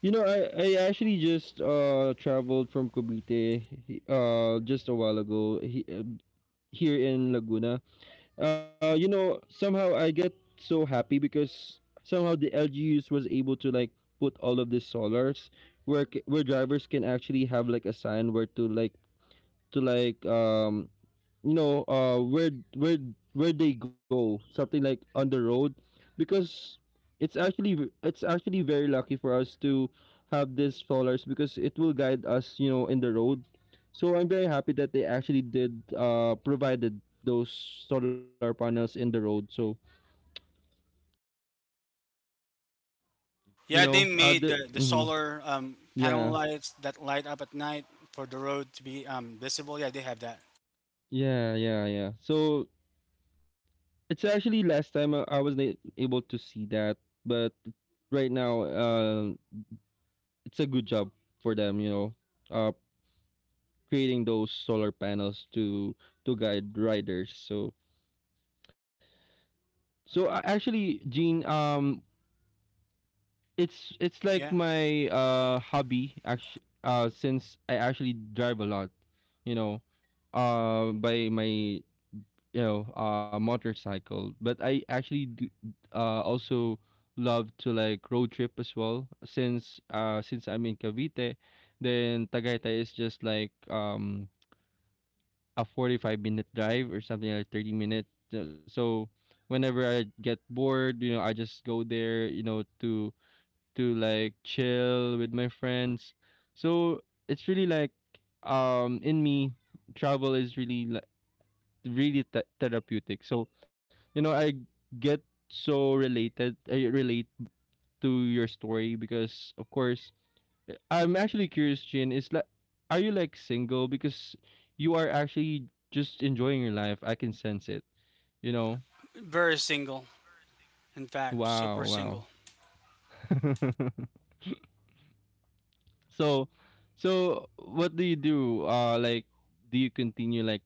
B: you know, I actually just traveled from Cavite just a while ago here in Laguna. You know, somehow I get so happy because somehow the LGUs was able to like put all of these solars where where drivers can actually have like a sign where to like where where where they go, something like on the road, because it's actually it's actually very lucky for us to have these followers because it will guide us, you know, in the road. So I'm very happy that they actually did provided those solar panels in the road. So, you
A: Yeah, they
B: know,
A: made the
B: mhm.
A: solar panel
B: Yeah.
A: lights that light up at night for the road to be visible. Yeah, they have that.
B: Yeah, so it's actually last time I wasn't able to see that, but right now, it's a good job for them, you know, uh, creating those solar panels to guide riders. So, so actually, Gene, it's like
A: Yeah,
B: my hobby actually, since I actually drive a lot, you know, by my, you know, motorcycle. But I actually do, also love to like road trip as well, since I'm in Cavite, then Tagaytay is just like a 45-minute drive or something, like 30 minutes. So whenever I get bored, you know, I just go there, you know, to like chill with my friends. So it's really like in me, travel is really like really therapeutic. So, you know, I get so related I relate to your story, because of course I'm actually curious, Jin. Is like, are you like single? Because you are actually just enjoying your life. I can sense it. You know.
A: very single. In fact,
B: Wow,
A: super
B: wow.
A: single.
B: So, so what do you do? Like, do you continue like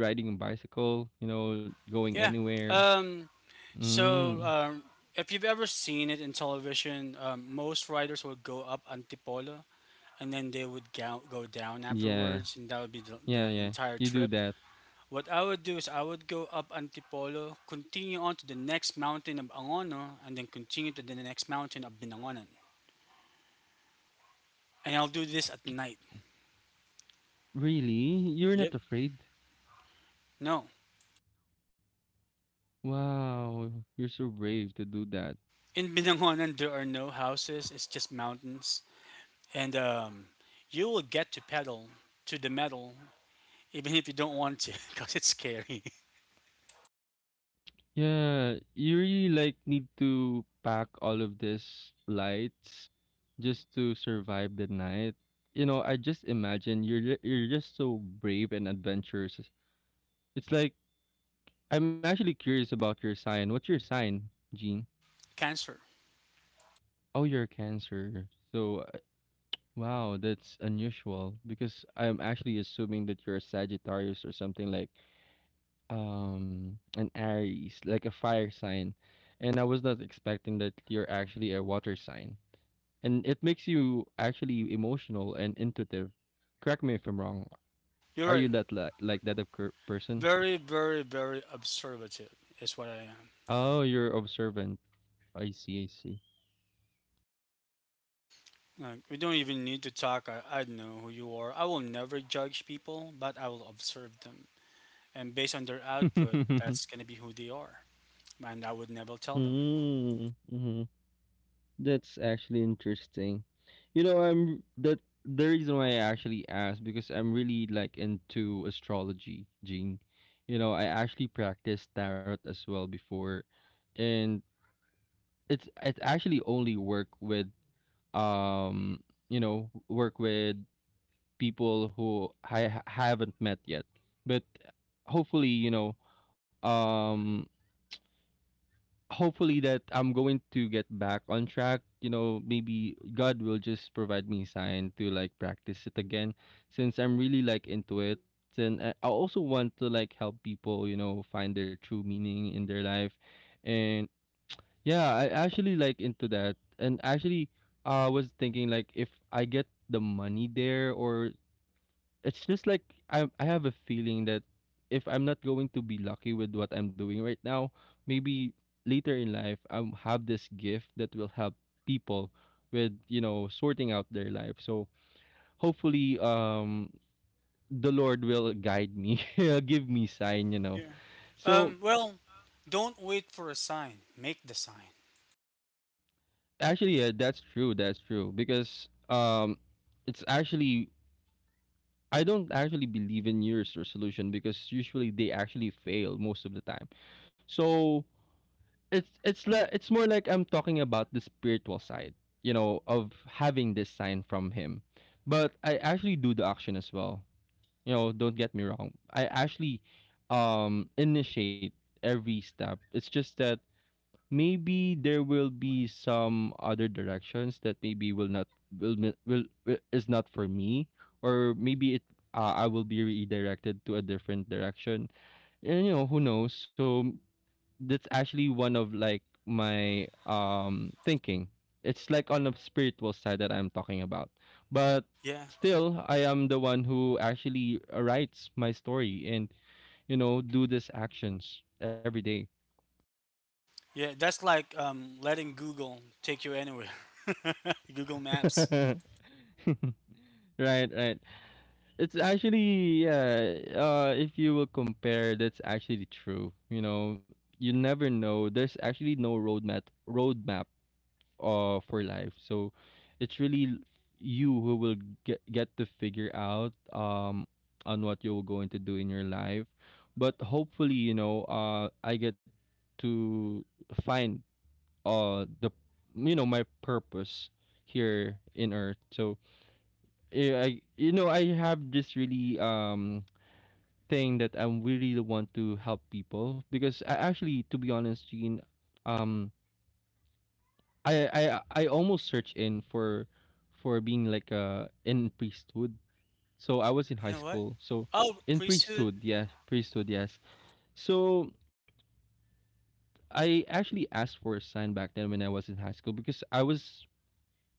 B: riding a bicycle? You know, going
A: Yeah.
B: anywhere?
A: Um. So,
B: Mm.
A: um, if you've ever seen it in television, most riders would go up Antipolo and then they would go down
B: Yeah,
A: afterwards, and that would be
B: yeah,
A: the
B: yeah.
A: entire
B: You do
A: trip.
B: that.
A: What I would do is I would go up Antipolo, continue on to the next mountain of Angono, and then continue to the next mountain of Binangonan. And I'll do this at night.
B: Really? You're
A: Yep.
B: not afraid?
A: No.
B: Wow, you're so brave to do that.
A: In Binangonan, there are no houses, it's just mountains. And you will get to pedal to the metal, even if you don't want to, because it's scary.
B: Yeah, you really like need to pack all of this lights just to survive the night. You know, I just imagine you're just so brave and adventurous. It's like I'm actually curious about your sign. What's your sign, Gene?
A: Cancer.
B: Oh, you're a Cancer. So, wow, that's unusual because I'm actually assuming that you're a Sagittarius or something like an Aries, like a fire sign, and I was not expecting that you're actually a water sign. And it makes you actually emotional and intuitive. Correct me if I'm wrong.
A: You're
B: Are
A: right.
B: you that like that of person?
A: Very, very, very observative is what I am.
B: Oh, you're observant. I see, I see.
A: Like, we don't even need to talk. I know who you are. I will never judge people, but I will observe them. And based on their output, that's going to be who they are. And I would never tell them.
B: Mm-hmm. That's actually interesting. You know, I'm that, the reason why I actually asked because I'm really like into astrology, Gene. You know, I actually practiced tarot as well before, and it actually only work with work with people who I haven't met yet, but hopefully, you know, um hopefully that I'm going to get back on track. You know, maybe God will just provide me sign to like practice it again, since I'm really like into it. And I also want to like help people, you know, find their true meaning in their life. And yeah, I actually like into that. And actually I was thinking like, if I get the money there, or it's just like I have a feeling that if I'm not going to be lucky with what I'm doing right now, maybe later in life I'll have this gift that will help people with, you know, sorting out their life. So hopefully the Lord will guide me, He'll give me sign, you know.
A: Yeah.
B: So,
A: Um, well, don't wait for a sign. Make the sign.
B: actually yeah, that's true, that's true. Because it's actually, I don't actually believe in New Year's resolution because usually they actually fail most of the time. So it's like, it's more like I'm talking about the spiritual side, you know, of having this sign from him. But I actually do the action as well. You know, don't get me wrong. I actually initiate every step. It's just that maybe there will be some other directions that maybe will not will is not for me, or maybe it, I will be redirected to a different direction. And you know, who knows? So that's actually one of like my thinking. It's like on the spiritual side that I'm talking about. But
A: Yeah.
B: still I am the one who actually writes my story and, you know, do these actions every day.
A: Yeah. That's like letting Google take you anywhere. Google Maps.
B: Right, right. It's actually yeah, if you will compare, that's actually true. You know, you never know. There's actually no roadmap for life, so it's really you who will get to figure out on what you're going to do in your life. But hopefully, you know, I get to find the you know my purpose here in earth. So, I, you know, I have this really thing that I really want to help people, because I actually, to be honest, Gene, um I I I almost searched in for being like in priesthood. So I
A: You know,
B: was in
A: you
B: high
A: know what?
B: school. So
A: Oh,
B: in
A: priesthood.
B: priesthood, yeah, priesthood, yes. So I actually asked for a sign back then when I was in high school, because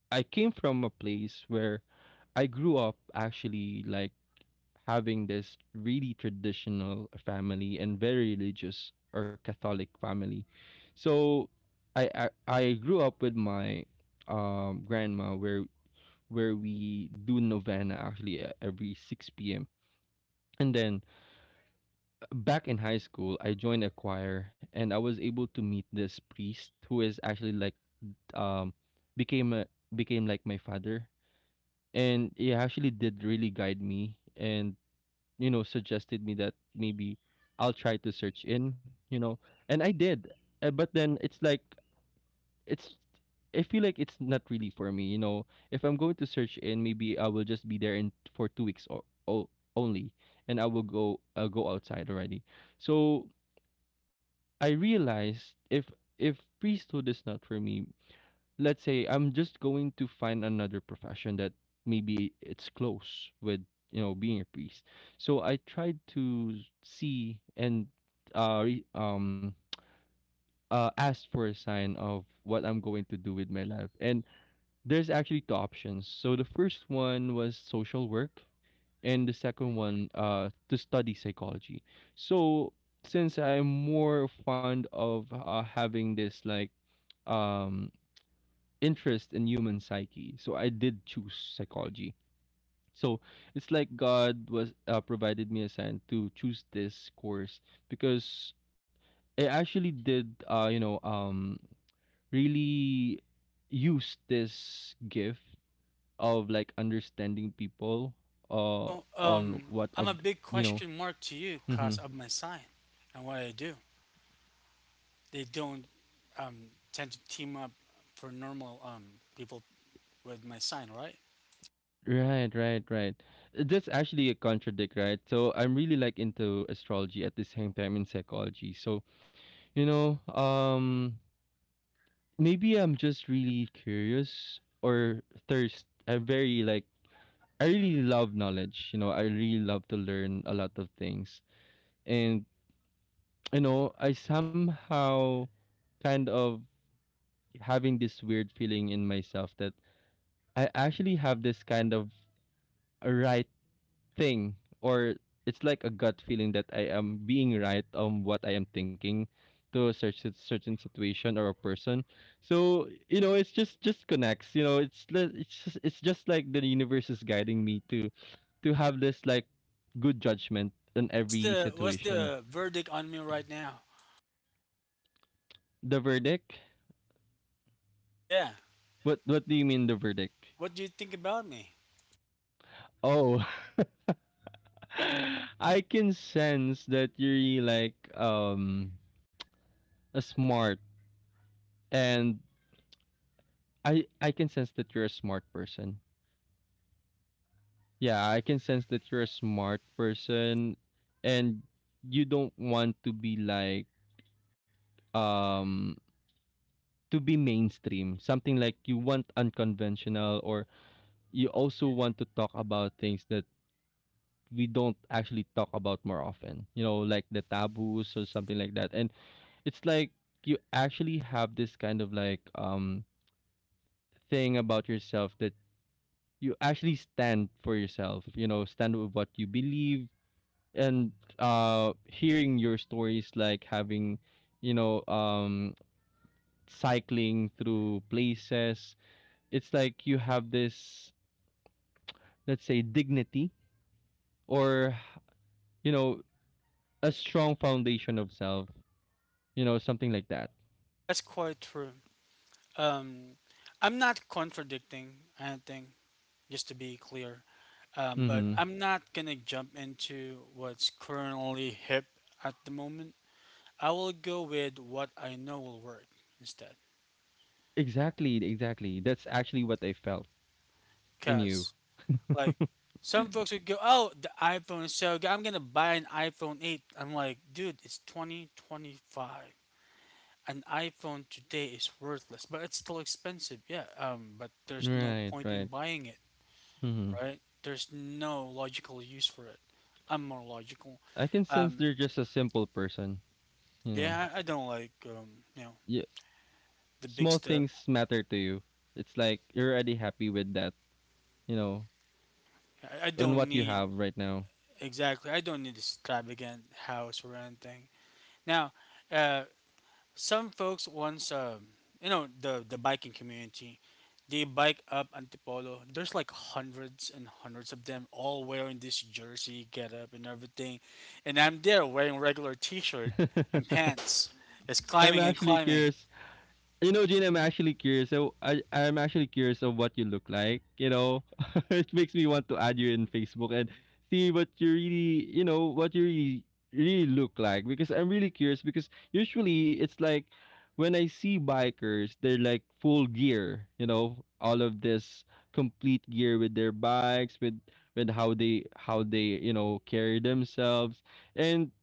B: I came from a place where I grew up actually like having this really traditional family and very religious or Catholic family. So I grew up with my grandma, where we do novena actually every 6 p.m. And then, back in high school, I joined a choir and I was able to meet this priest who is actually like um became became like my father, and he actually did really guide me and, you know, suggested me that maybe I'll try to search in, you know. And I did. But then it's like, it's I feel like it's not really for me. You know, if I'm going to search in, maybe I will just be there in for 2 weeks or only, and I will go I'll go outside already. So I realized if priesthood is not for me, let's say I'm just going to find another profession that maybe it's close with being a priest. So I tried to see and uh re- um ask for a sign of what I'm going to do with my life, and there's actually two options. So the first one was social work, and the second one, to study psychology. So since I'm more fond of having this like um, interest in human psyche, so I did choose psychology. So it's like God was, provided me a sign to choose this course because I actually did, really use this gift of like understanding people. Uh
A: So,
B: on what
A: I'm a
B: of th-
A: big
B: you know
A: question mark to you because
B: Mm-hmm.
A: of my sign and what I do. They don't tend to team up for normal people with my sign, right?
B: Right, right, right. That's actually a contradict, right? So I'm really like into astrology at the same time in psychology, so you know um maybe I'm just really curious or thirst. I'm very like, I really love knowledge. I really love to learn a lot of things, and I somehow kind of having this weird feeling in myself that I actually have this kind of right thing, or it's like a gut feeling that I am being right on what I am thinking to a certain situation or a person. So it's just connects. It's just like the universe is guiding me to have this like good judgment in every
A: What's
B: situation.
A: the verdict on me right now?
B: The verdict.
A: Yeah.
B: What do you mean the verdict?
A: What do you think about me?
B: Oh, I can sense that you're like smart, and I can sense that you're a smart person. Yeah, I can sense that you're a smart person, and you don't want to be like, um to be mainstream. Something like you want unconventional, or you also want to talk about things that we don't actually talk about more often. You know, like the taboos or something like that. And it's like you actually have this kind of like, thing about yourself that you actually stand for yourself, stand with what you believe. And uh, hearing your stories, like having you know um cycling through places, it's like you have this, let's say, dignity, or you know a strong foundation of self, you know, something like that.
A: That's quite true. Um, I'm not contradicting anything, just to be clear. But
B: Mm-hmm.
A: I'm not gonna jump into what's currently hip at the moment. I will go with what I know will work instead.
B: Exactly, exactly, that's actually what I felt in you.
A: Cause like, some folks would go, "Oh, the iPhone is so good. I'm gonna buy an iPhone 8." I'm like, dude, it's 2025. An iPhone today is worthless, but it's still expensive. Yeah. But there's no
B: Right,
A: point in
B: right.
A: buying it,
B: Mm-hmm.
A: right? There's no logical use for it. I'm more logical.
B: I can sense
A: Um.
B: they're just a simple person, you know.
A: Yeah. I don't like. You know,
B: You,
A: the big
B: small
A: stuff.
B: things matter to you. It's like you're already happy with that, you know,
A: I
B: and
A: don't
B: what you
A: need
B: have right now.
A: exactly. I don't need extravagant house or anything. Now, uh, some folks once, you know, the biking community, they bike up Antipolo. There's like hundreds and hundreds of them, all wearing this jersey getup and everything, and I'm there wearing regular T-shirt and pants. It's
B: I'm
A: climbing and
B: actually
A: climbing.
B: curious. You know, Gene, I'm actually curious. I'm actually curious of what you look like. You know, it makes me want to add you in Facebook and see what you really, you know, what you really, really look like. Because I'm really curious. Because usually it's like when I see bikers, they're like full gear. You know, all of this complete gear with their bikes, with how they you know carry themselves, and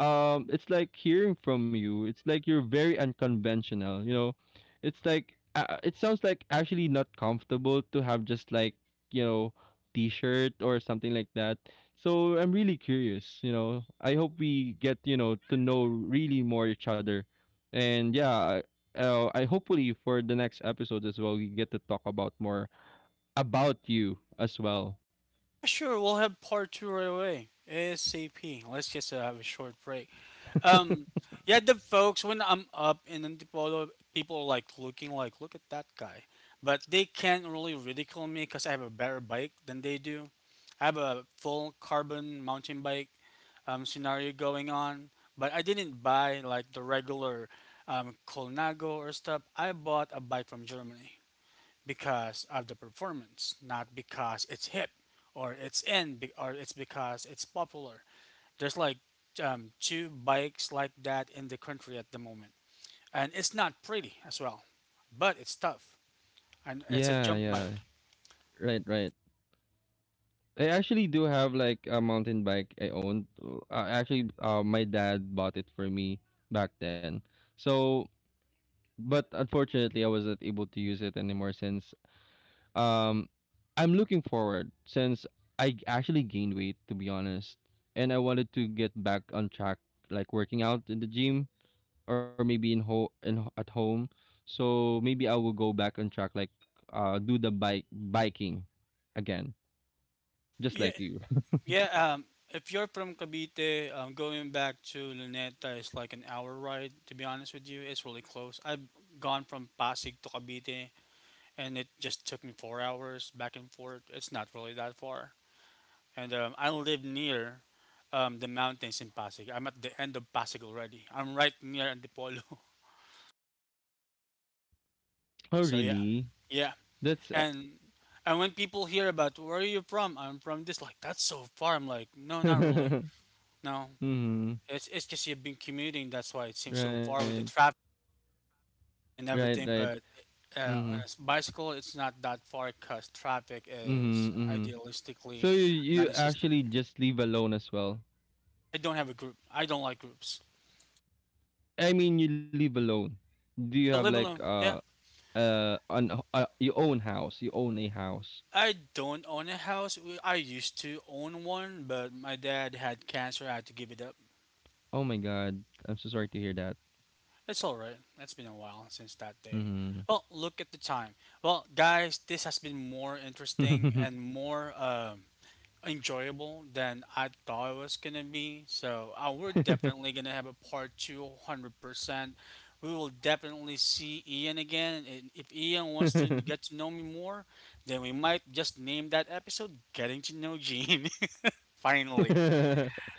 B: um, it's like hearing from you, it's like you're very unconventional. You know, it's like, it sounds like actually not comfortable to have just like, you know t-shirt or something like that. So I'm really curious. You know, I hope we get, you know, to know really more each other. And yeah, I hopefully for the next episode as well, we get to talk about more about you as well.
A: Oh yeah, sure. We'll have part two right away. ASAP. Let's just have a short break. Um, yeah, the folks when I'm up in Antipolo, people are like looking like, look at that guy, but they can't really ridicule me because I have a better bike than they do. I have a full carbon mountain bike scenario going on, but I didn't buy like the regular Colnago or stuff. I bought a bike from Germany because of the performance, not because it's hip or it's because it's popular. There's like two bikes like that in the country at the moment, and it's not pretty as well, but it's tough, and it's a
B: Yeah,
A: jump
B: yeah.
A: bike.
B: Right, right. I actually do have like a mountain bike I owned. Actually, my dad bought it for me back then. So but unfortunately I wasn't able to use it anymore since, um I'm looking forward since I actually gained weight, to be honest, and I wanted to get back on track, like working out in the gym or maybe at home. So maybe I will go back on track, like, uh, do the bike biking again, just
A: Yeah,
B: like you.
A: yeah. If you're from Cavite, going back to Luneta is like an hour ride. To be honest with you, it's really close. I've gone from Pasig to Cavite, and it just took me 4 hours back and forth. It's not really that far, and I live near the mountains in Pasig. I'm at the end of Pasig already. I'm right near Antipolo.
B: Oh,
A: So yeah,
B: really?
A: yeah,
B: That's,
A: and and when people hear about where are you from, I'm from this. Like, that's so far. I'm like, no, not really. No,
B: mhm.
A: it's just you've been commuting. That's why it seems so far with
B: Right,
A: the traffic and
B: right,
A: everything.
B: right.
A: But on a
B: Mhm,
A: bicycle, it's not that far because traffic is
B: mhm, mhm. So
A: idealistically
B: you
A: non-existent.
B: actually just leave alone as well.
A: Yes, I don't have a group. I don't like groups.
B: I mean, you live alone. Do you
A: Oh,
B: have
A: I live
B: like
A: alone. Yeah.
B: an your own house? You own a house.
A: I don't own a house. I used to own one, but my dad had cancer. I had to give it up.
B: Oh my god, I'm so sorry to hear that.
A: It's all right. It's been a while since that
B: Mm-hmm.
A: day. Well, look at the time. Well, guys, this has been more interesting and more enjoyable than I thought it was gonna be. So we're definitely gonna have a part two, 100%. We will definitely see Ian again, and if Ian wants to get to know me more, then we might just name that episode "Getting to Know Gene." Finally.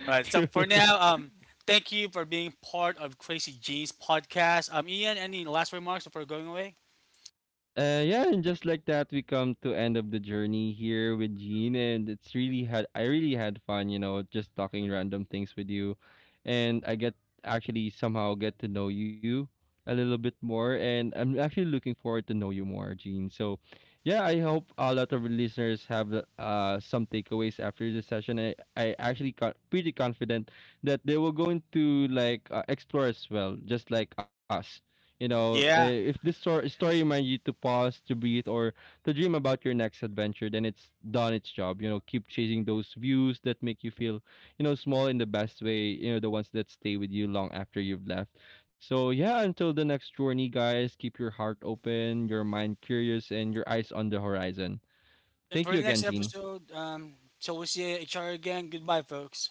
A: All right. So
B: True.
A: for now, thank you for being part of Crazy Jeans podcast. Ian, any last remarks before going away?
B: Yeah, and just like that, we come to end of the journey here with Gene, and it's really had I really had fun, you know, just talking random things with you, and I get actually somehow get to know you a little bit more, and I'm actually looking forward to know you more, Gene. So, yeah, I hope a lot of listeners have, uh, some takeaways after this session. I actually got pretty confident that they will go into like, explore as well, just like us, you know. Eh,
A: Yeah.
B: if this story reminds you to pause, to breathe, or to dream about your next adventure, then it's done its job. You know, keep chasing those views that make you feel, you know, small in the best way. You know, the ones that stay with you long after you've left. So yeah, until the next journey, guys, keep your heart open, your mind curious, and your eyes on the horizon.
A: Yep. And
B: Thank
A: for
B: you
A: the next
B: again, Gene.
A: episode, till we see each other again. Goodbye, folks.